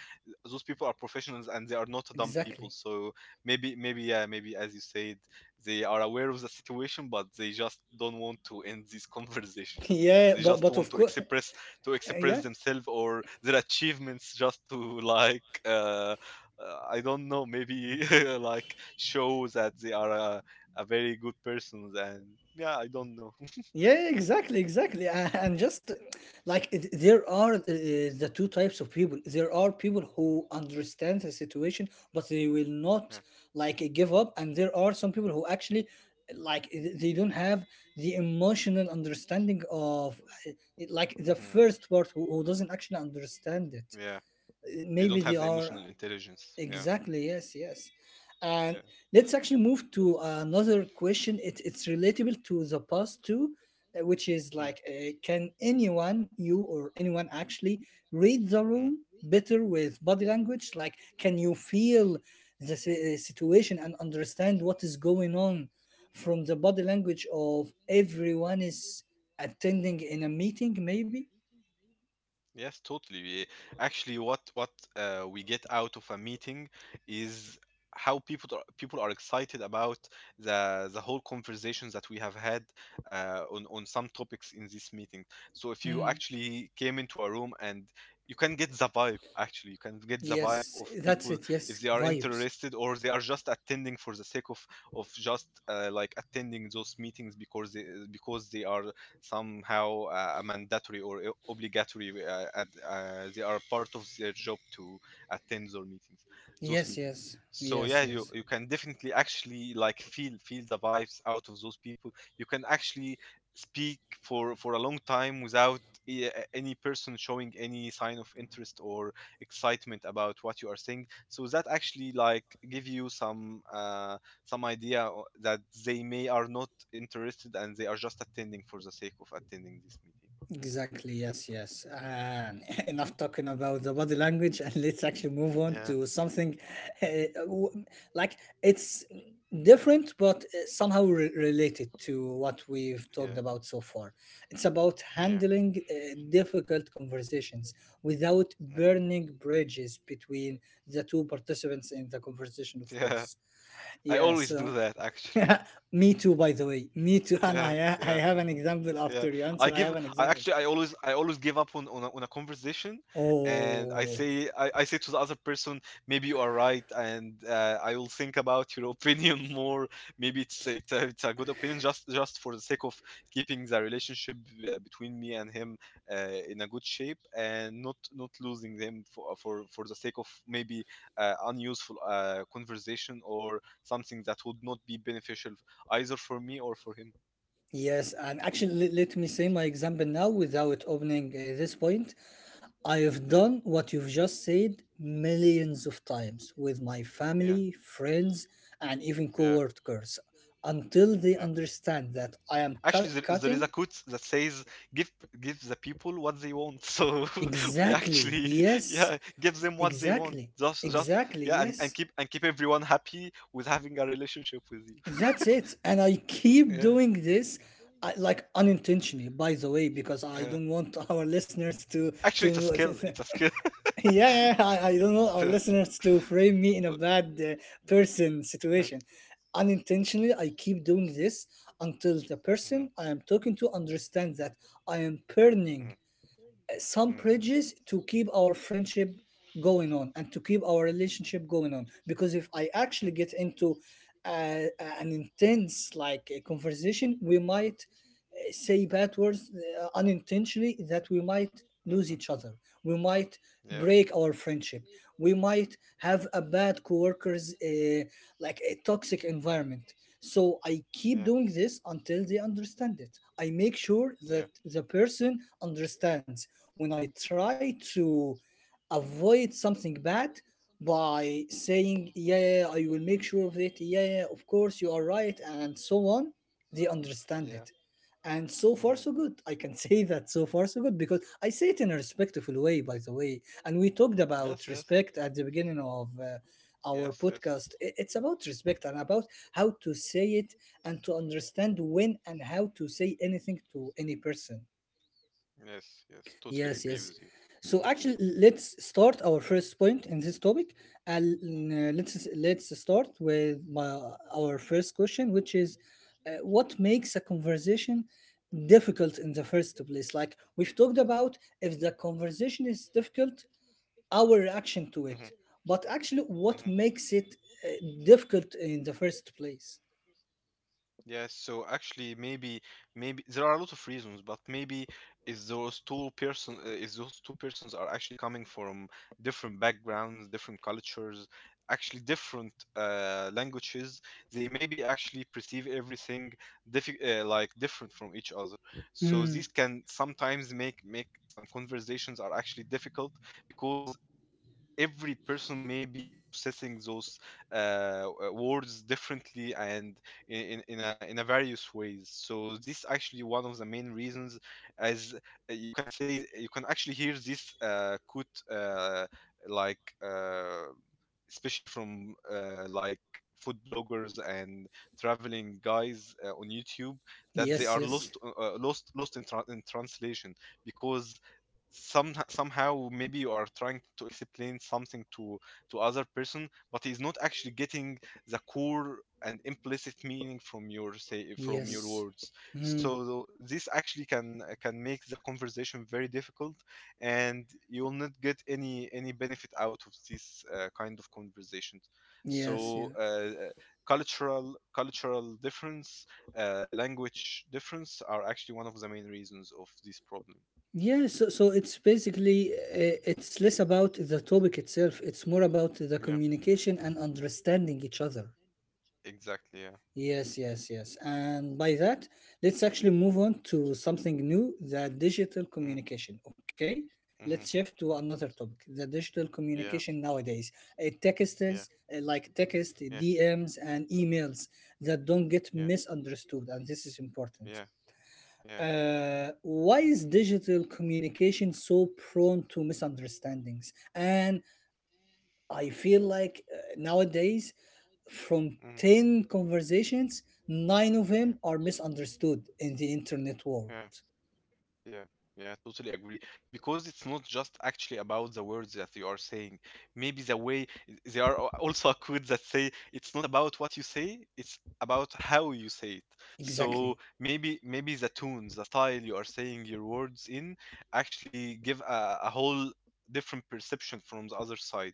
B: those people are professionals, and they are not dumb
A: Exactly.
B: people. So maybe, maybe yeah, maybe as you said, they are aware of the situation, but they just don't want to end this conversation.
A: Yeah,
B: They
A: but
B: just
A: but
B: want
A: of
B: to
A: course,
B: express
A: yeah,
B: themselves or their achievements, just to like. I don't know, maybe like show that they are a very good persons, and yeah, I don't know.
A: yeah, exactly, exactly, and just like there are the two types of people. There are people who understand the situation, but they will not
B: Yeah.
A: like give up, and there are some people who actually like they don't have the emotional understanding of uh, like the
B: Hmm.
A: first part who doesn't actually understand it.
B: Yeah. They
A: Maybe
B: don't
A: they
B: have the
A: are.
B: emotional intelligence. Yeah.
A: Exactly. Yes. Yes. And
B: Yeah.
A: let's actually move to another question. It's relatable to the past too, which is
B: Mm,
A: like, can anyone, you or anyone, actually read the
B: mm.
A: room better with body language? Like, can you feel the situation and understand what is going on from the body language of everyone is attending in a meeting? Maybe.
B: Yes, totally. Actually, what we get out of a meeting is how people are excited about the whole conversations that we have had on some topics in this meeting. So if you
A: Mm.
B: actually came into a room and you can get the vibe, actually, you can get the vibe
A: Yes.
B: of
A: That's
B: people,
A: it. Yes.
B: if they are
A: Vibes.
B: interested or they are just attending for the sake of just like attending those meetings because they are somehow mandatory or obligatory. They are part of their job to attend those meetings. Those
A: Yes.
B: meetings.
A: Yes.
B: So
A: Yes.
B: yeah, you
A: Yes.
B: can definitely actually like feel the vibes out of those people. You can actually speak for a long time without any person showing any sign of interest or excitement about what you are saying, so that actually like give you some idea that they may are not interested and they are just attending for the sake of attending this meeting.
A: Exactly, yes, yes. And enough talking about the body language, and let's actually move on
B: Yeah.
A: to something uh, w- like it's different but somehow related to what we've talked
B: Yeah.
A: about so far. It's about
B: Yeah.
A: handling difficult conversations without
B: Mhm.
A: burning bridges between the two participants in the conversation, of
B: Yeah.
A: course.
B: I
A: Yeah,
B: always do
A: so
B: that actually.
A: me too, by the way. Me too. And
B: Yeah,
A: I
B: yeah.
A: have an example
B: Yeah,
A: after your answer.
B: I
A: I
B: give.
A: have an
B: I
A: example.
B: actually, I always give up on on a conversation, and I
A: Oh,
B: say, I say to the other person, maybe you are right, and I will think about your opinion more. Maybe it's a good opinion, just for the sake of keeping the relationship between me and him in a good shape, and not losing them for the sake of maybe unuseful conversation, or something that would not be beneficial either for me or for him.
A: yes. And actually, let me say my example now without opening this point. I have
B: Yeah.
A: done what you've just said millions of times with my
B: Yeah.
A: family, friends, and even
B: Yeah.
A: coworkers until they
B: Yeah.
A: understand that I am
B: Actually, there is a
A: cutting.
B: quote that says, "Give the people what they want." So we
A: Exactly.
B: actually,
A: Yes.
B: yeah, give them what they want.
A: Exactly.
B: Just
A: Exactly.
B: yeah, and
A: Yes.
B: keep everyone happy with having a relationship with you.
A: That's it. And I keep
B: Yeah.
A: doing this, I, like,
B: Yeah.
A: unintentionally, by the way, because I
B: Yeah.
A: don't want our listeners to
B: Actually, it's a
A: to
B: skill. It's a skill.
A: yeah, yeah. I don't want our
B: Look.
A: listeners to frame me in a bad person
B: Yeah,
A: situation. Unintentionally, I keep doing this until the person I am talking to understands that I am
B: mhm,
A: burning
B: mhm,
A: some
B: mhm,
A: bridges to keep our friendship going on and to keep our relationship going on because if I actually get into uh, an intense like a conversation, we might say bad words unintentionally, that we might
B: mhm,
A: lose
B: mhm.
A: each other, we might
B: Yeah.
A: break our friendship, we might
B: Mm.
A: have a bad coworkers, like a toxic environment. So I keep
B: Yeah.
A: doing this until they understand it. I make sure that
B: Yeah.
A: the person understands. When I try to avoid something bad by saying, yeah, yeah, yeah, I will make sure of it, yeah, yeah, yeah, of course, you are right, and so on, they understand it.
B: Yeah.
A: And so far, so
B: Mm-hmm.
A: good. I can say that so far, so good because I say it in a respectful way, by the way. And we talked about
B: Yes, yes.
A: respect at the beginning of our
B: Yes, yes.
A: podcast. It's about respect and about how to say it and to understand when and how to say anything to any person.
B: Yes, yes. Totally
A: Yes,
B: agree
A: yes.
B: with you.
A: So actually, let's start our first point in this topic. And let's start with our first question, which is, what makes a conversation difficult in the first place? Like we've talked about, if the conversation is difficult, our reaction to it,
B: Mm-hmm.
A: but actually what
B: Mm-hmm.
A: makes it uh, difficult in the first place.
B: Yes, so actually, maybe, maybe there are a lot of reasons, but maybe is those two persons are actually coming from different backgrounds, different cultures, actually different languages. They maybe actually perceive everything diffi like different from each other. So
A: Mm.
B: these can sometimes make some conversations are actually difficult because every person may be processing those words differently and in a various ways. So this is actually one of the main reasons. As you can say, you can actually hear this quote like especially from like food bloggers and traveling guys on YouTube, that they
A: Yes,
B: are
A: yes,
B: lost lost in, in translation, because some somehow maybe you are trying to explain something to other person, but he's not actually getting the core and implicit meaning from your
A: yes.
B: words.
A: Mm.
B: So this actually can make the conversation very difficult, and you'll not get any benefit out of these kind of conversations.
A: Yes,
B: So
A: yes.
B: cultural difference, language difference are actually one of the main reasons of this problem.
A: Yeah, so it's basically, it's less about the topic itself. It's more about the
B: Yeah,
A: communication and understanding each other.
B: exactly, yeah.
A: Yes, yes, yes. And by that, let's actually move on to something new, the digital
B: Mm,
A: communication. Okay? Let's
B: mhm.
A: shift to another topic, the digital
B: Yeah,
A: communication nowadays. Texts,
B: yeah,
A: like text,
B: yeah,
A: DMs, and emails that don't get
B: yeah,
A: misunderstood, and this is important.
B: yeah. Yeah.
A: Why is digital communication so prone to misunderstandings? And I feel like nowadays, from
B: Mm,
A: 10 conversations, nine of
B: yeah.
A: them are misunderstood in the internet world.
B: Yeah. Yeah, yeah, totally agree. Because it's not just actually about the words that you are saying. Maybe the way there are also quotes that say it's not about what you say, it's about how you say it.
A: Exactly.
B: So maybe maybe the tones, the style you are saying your words in actually give a whole different perception from the other side.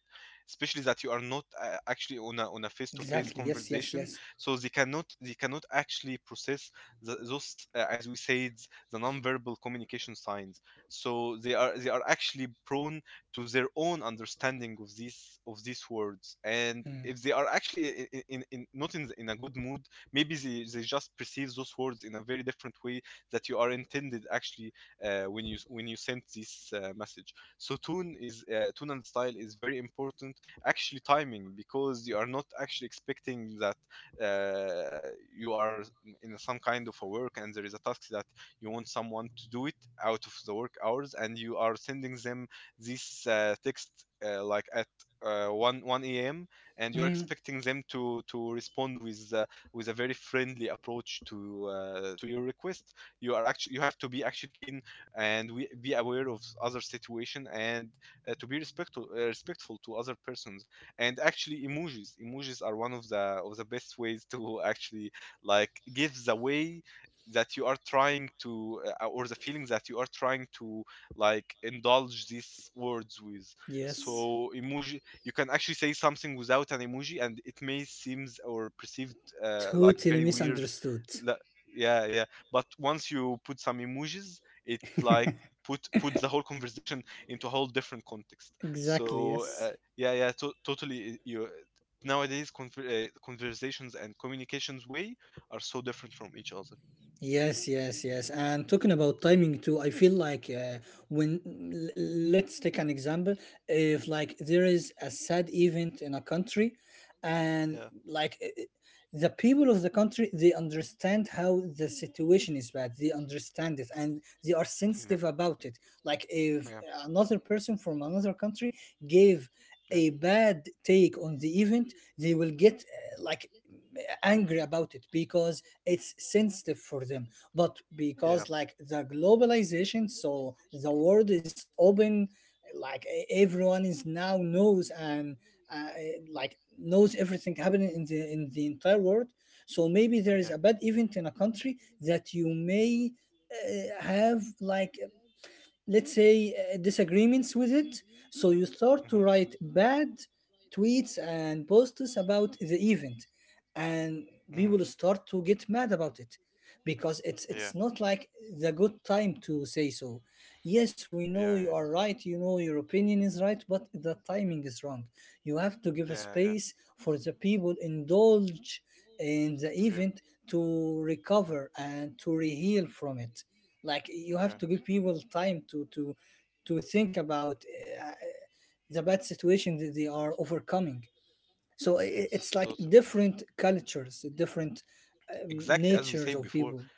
B: Especially that you are
A: Exactly.
B: not
A: Yes, yes,
B: actually
A: yes.
B: on a face-to-face conversation, so they cannot actually process those as we said, the nonverbal communication signs. So they are actually prone to their own understanding of these words, and
A: Mm.
B: if they are actually I- in not in a good mood, maybe they just perceive those words in a very different way that you are intended actually, when you sent this message. So tune and style is very important, actually timing, because you are not actually expecting that, uh, you are in some kind of a work and there is a task that you want someone to do it out of the work hours, and you are sending them this text like at 1 a.m. and you're
A: Mm.
B: expecting them to respond with, with a very friendly approach to, to your request. You have to be actually keen and be aware of other situation, and to be respectful, respectful to other persons. And actually, emojis are one of the best ways to actually like give the way that you are trying to, or the feeling that you are trying to like indulge these words with.
A: Yes.
B: So emoji, you can actually say something without an emoji and it may seems or perceived, like,
A: Totally
B: very weird.
A: misunderstood.
B: la- yeah, yeah. But once you put some emojis, it like put the whole conversation into a whole different context.
A: Exactly,
B: So
A: yes.
B: yeah, yeah. Totally, you, nowadays conversations and communications way are so different from each other.
A: Yes, yes, yes. And talking about timing too, I feel like when l- let's take an example. If, like, there is a sad event in a country, and
B: Yeah,
A: like the people of the country, they understand how the situation is bad, they understand it and they are sensitive about it. Like, if
B: yeah, yeah,
A: another person from another country gave a bad take on the event, they will get, like, angry about it because it's sensitive for them. But
B: yeah,
A: because, like, the globalization, so the world is open, like everyone is now knows, and uh, like knows everything happening in the entire world. So maybe there
B: yeah.
A: is a bad event in a country that you may have, like, let's say disagreements with it, so you start
B: Hmm.
A: to write bad tweets and posts about the event, and
B: Hmm.
A: people start to get mad about it because it's
B: Yeah.
A: it's not like the good time to say so. Yes, we know
B: Yeah.
A: you
B: Yeah.
A: are right, you know your opinion is right, but the timing is wrong. You have to give a
B: Yeah.
A: space for the people indulge in the
B: Yeah. Yeah.
A: event to recover and to reheal from it. Like, you
B: Yeah. Yeah.
A: have to give people time to think about uh, uh, the bad situation that they are overcoming. So, it's
B: Yes,
A: like
B: totally agree.
A: different cultures, different
B: Exactly, as we
A: natures
B: said
A: of
B: before,
A: people.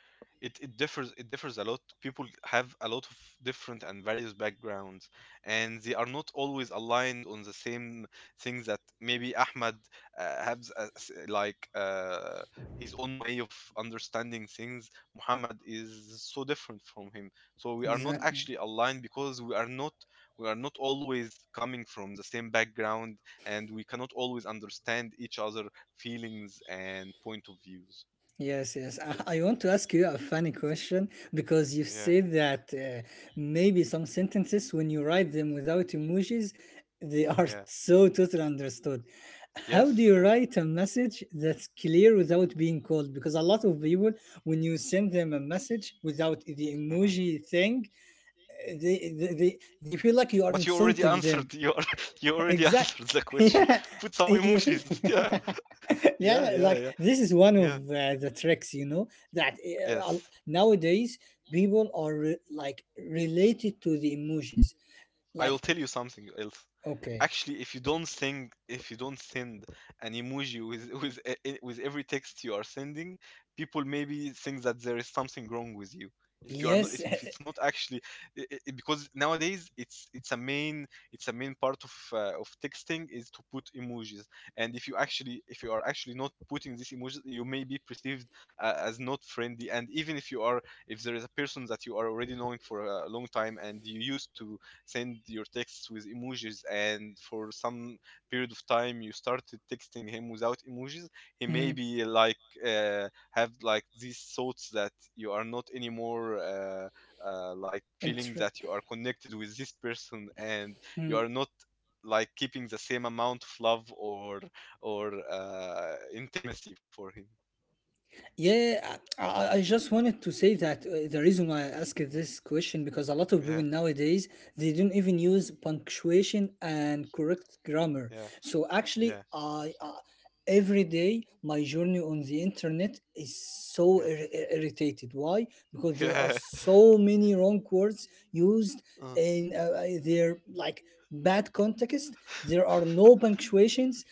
B: it differs a lot. People have a lot of different and various backgrounds, and they are not always aligned on the same things. That maybe Ahmad has a s like his own way of understanding things. Muhammad is so different from him. So we are not
A: Exactly.
B: actually aligned because we are not always coming from the same background, and we cannot always understand each other feelings and point of views.
A: Yes, yes. I want to ask
B: I
A: you a
B: want to
A: funny
B: ask you a
A: question
B: funny
A: because
B: question.
A: you
B: Yeah.
A: say that maybe some
B: Maybe
A: sentences,
B: some
A: when you write
B: sentences
A: them
B: when you
A: without
B: write them
A: emojis,
B: without
A: they
B: emojis.
A: are
B: Yeah.
A: so totally understood. How do
B: Yes.
A: you
B: Yeah.
A: write a message that's clear without being cold? Because a lot of people, when you send them a message without the
B: Mhm.
A: emoji thing, they feel like you are
B: But you already
A: insulting
B: answered
A: them.
B: you, al- you already
A: Exact.
B: answered the question.
A: Yeah,
B: Put some
A: you feel.
B: emojis. Yeah, yeah,
A: Yeah,
B: yeah, yeah, yeah,
A: like this is one
B: like, yeah.
A: of the tricks, you know, that
B: Yes.
A: nowadays people are like related to the
B: Relate it to
A: emojis.
B: the emoji. I will
A: Like,
B: tell you something else.
A: okay,
B: Actually, if you don't send an emoji with with every text you are sending, people maybe think that there is something wrong with you.
A: yes.
B: If it's not actually, I because nowadays it's a main, part of texting is to put emojis. And if you are actually not putting these emojis, you may be perceived, as not friendly. And even if you are if there is a person that you are already knowing for a long time, and you used to send your texts with emojis, and for some period of time you started texting him without emojis, he may
A: Mm.
B: be like, have like these thoughts that you are not anymore, like, feeling
A: inter-
B: that you are connected with this person, and
A: hmm.
B: you are not like keeping the same amount of love or intimacy for him.
A: Yeah, I just wanted to
B: I
A: say
B: just
A: that
B: wanted to
A: the
B: say
A: reason why I asked
B: that.
A: this question because a lot
B: Yeah,
A: of
B: yeah.
A: people nowadays they don't even use punctuation and correct grammar.
B: Yeah,
A: So actually,
B: yeah,
A: I every day my journey on the internet is so
B: yeah.
A: irritated. Why? Because there are
B: Yeah.
A: so many wrong words used
B: Uh,
A: in their like bad context. There are no punctuations,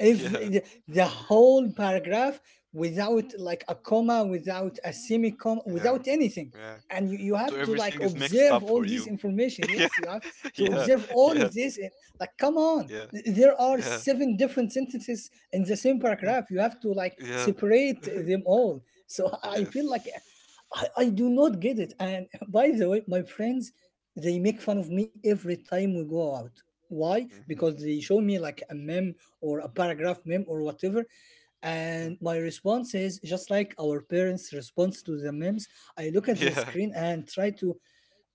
A: every
B: yeah,
A: the whole paragraph without like a comma, without a semicolon, without
B: yeah,
A: anything.
B: yeah.
A: And you have
B: So
A: to like
B: everything is mixed
A: observe
B: up
A: all
B: for
A: this
B: you.
A: information.
B: Yeah,
A: Yes, you have to
B: yeah,
A: observe all of
B: yeah,
A: this. Like, come on,
B: yeah,
A: there are
B: yeah,
A: seven different sentences in the same
B: uh,
A: paragraph, you have to like
B: yeah.
A: separate them all. So I feel like
B: Yes.
A: I do not get it. And by the way, my friends, they make fun of me every time we go out. Why?
B: Mm-hmm.
A: Because they show me like a meme or a paragraph meme or whatever. And my response is just like our parents' response to the memes. I look at the
B: Yeah.
A: screen and try to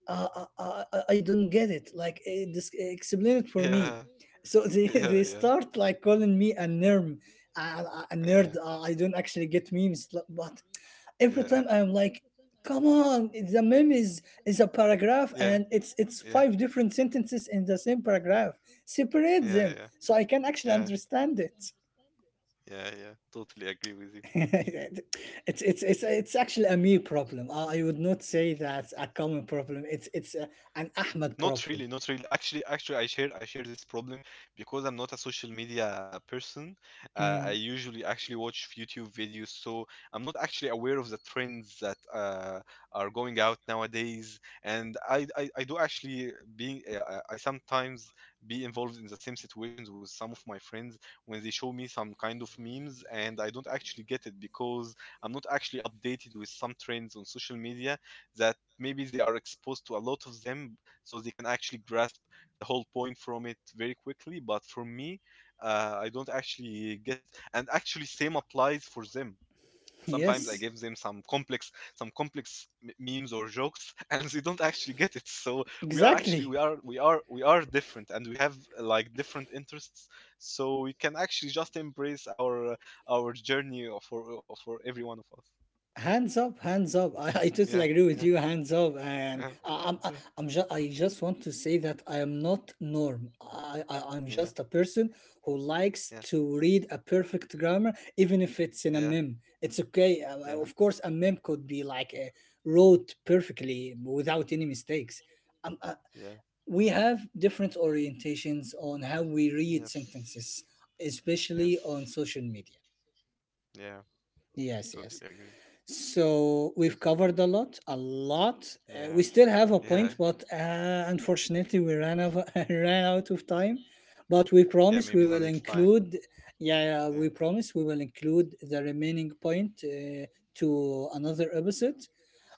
A: I don't get it. Like, this, explain it for me. So
B: This
A: they,
B: is, yeah,
A: they
B: new
A: start
B: for me.
A: like calling me a nerm, a nerd. I don't actually get memes, but every
B: It's
A: time I'm like, come on, the meme is a paragraph, and it's
B: Yeah.
A: five different sentences in the same paragraph. Separate them
B: Yeah.
A: so I can actually understand it.
B: Yeah. Yeah. Totally agree with you.
A: It's actually a me problem. I would not say that's a common problem. An Ahmed
B: Not
A: problem.
B: really, not really. Actually, I share this problem because I'm not a social media person. I
A: Mm,
B: usually actually watch YouTube videos, so I'm not actually aware of the trends that, are going out nowadays. And I do actually being, I sometimes be involved in the same situations with some of my friends when they show me some kind of memes, and I don't actually get it because I'm not actually updated with some trends on social media that maybe they are exposed to a lot of them, so they can actually grasp the whole point from it very quickly. But for me, I don't actually get it. And actually, same applies for them. Sometimes I
A: yes,
B: give them some complex memes or jokes and they don't actually get it, so we are actually
A: exactly.
B: we are we are we are different and we have like different interests, so we can actually just embrace our journey for every one of us.
A: Hands up, hands up. I
B: Yeah,
A: totally agree
B: yeah.
A: with you. Hands up, and
B: Yeah, yeah,
A: I just want to say that I am not norm. I'm
B: yeah,
A: just a person who likes
B: yeah,
A: to read a perfect grammar, even if it's in a
B: yeah,
A: meme. It's okay.
B: yeah,
A: Of course, a meme could be like wrote perfectly without any mistakes. Um, uh,
B: yeah,
A: we have different orientations on how we read
B: yes,
A: sentences,
B: yes,
A: especially on social media.
B: yeah,
A: Yes,
B: totally
A: yes.
B: agree.
A: So we've covered a lot, a lot.
B: Yeah,
A: We still have a
B: yeah,
A: point, but unfortunately, we ran out, ran out of time. But we
B: yeah,
A: promise
B: maybe
A: we
B: the
A: will
B: next time.
A: include. Yeah, yeah, we
B: Yeah,
A: promise we will include the remaining point to another episode.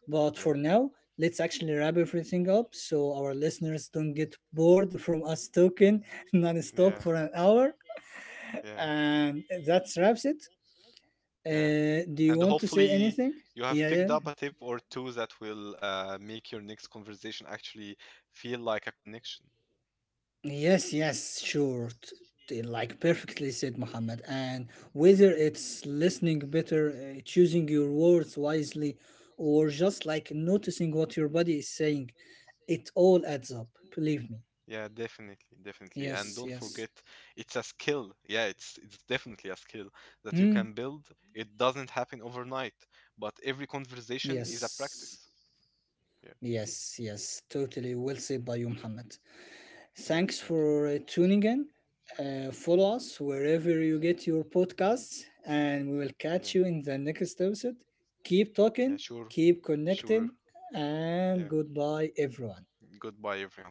A: But
B: yeah.
A: for now, let's actually wrap everything up so our listeners don't get bored from us talking non-stop
B: Yeah,
A: for an hour.
B: yeah,
A: And that wraps it.
B: yeah.
A: Do you
B: And
A: want to say
B: hopefully
A: anything?
B: you have
A: Yeah, yeah.
B: picked up a tip or two that will, make your next conversation actually feel like a connection.
A: Yes, yes, sure. Like perfectly said, Muhammad. And
B: Yeah.
A: whether it's listening better, choosing your words wisely, or just like noticing what your body is saying, it all adds up. Believe me.
B: Yeah, definitely, definitely. And
A: Yes,
B: don't forget,
A: yes.
B: it's a skill. Yeah, it's definitely a skill that you
A: Hmm?
B: can build. It doesn't happen overnight, but every
A: Yes.
B: conversation is a practice. Yeah,
A: Yes, yes. Totally well said by you, Muhammad. Thanks
B: yeah, thank
A: for
B: you.
A: tuning in. Follow us wherever you get your podcasts, and we will
B: Yeah.
A: catch you in the next episode. Keep
B: Yeah,
A: talking,
B: sure.
A: keep
B: Sure.
A: connecting,
B: Yeah.
A: and goodbye, everyone.
B: Goodbye, everyone.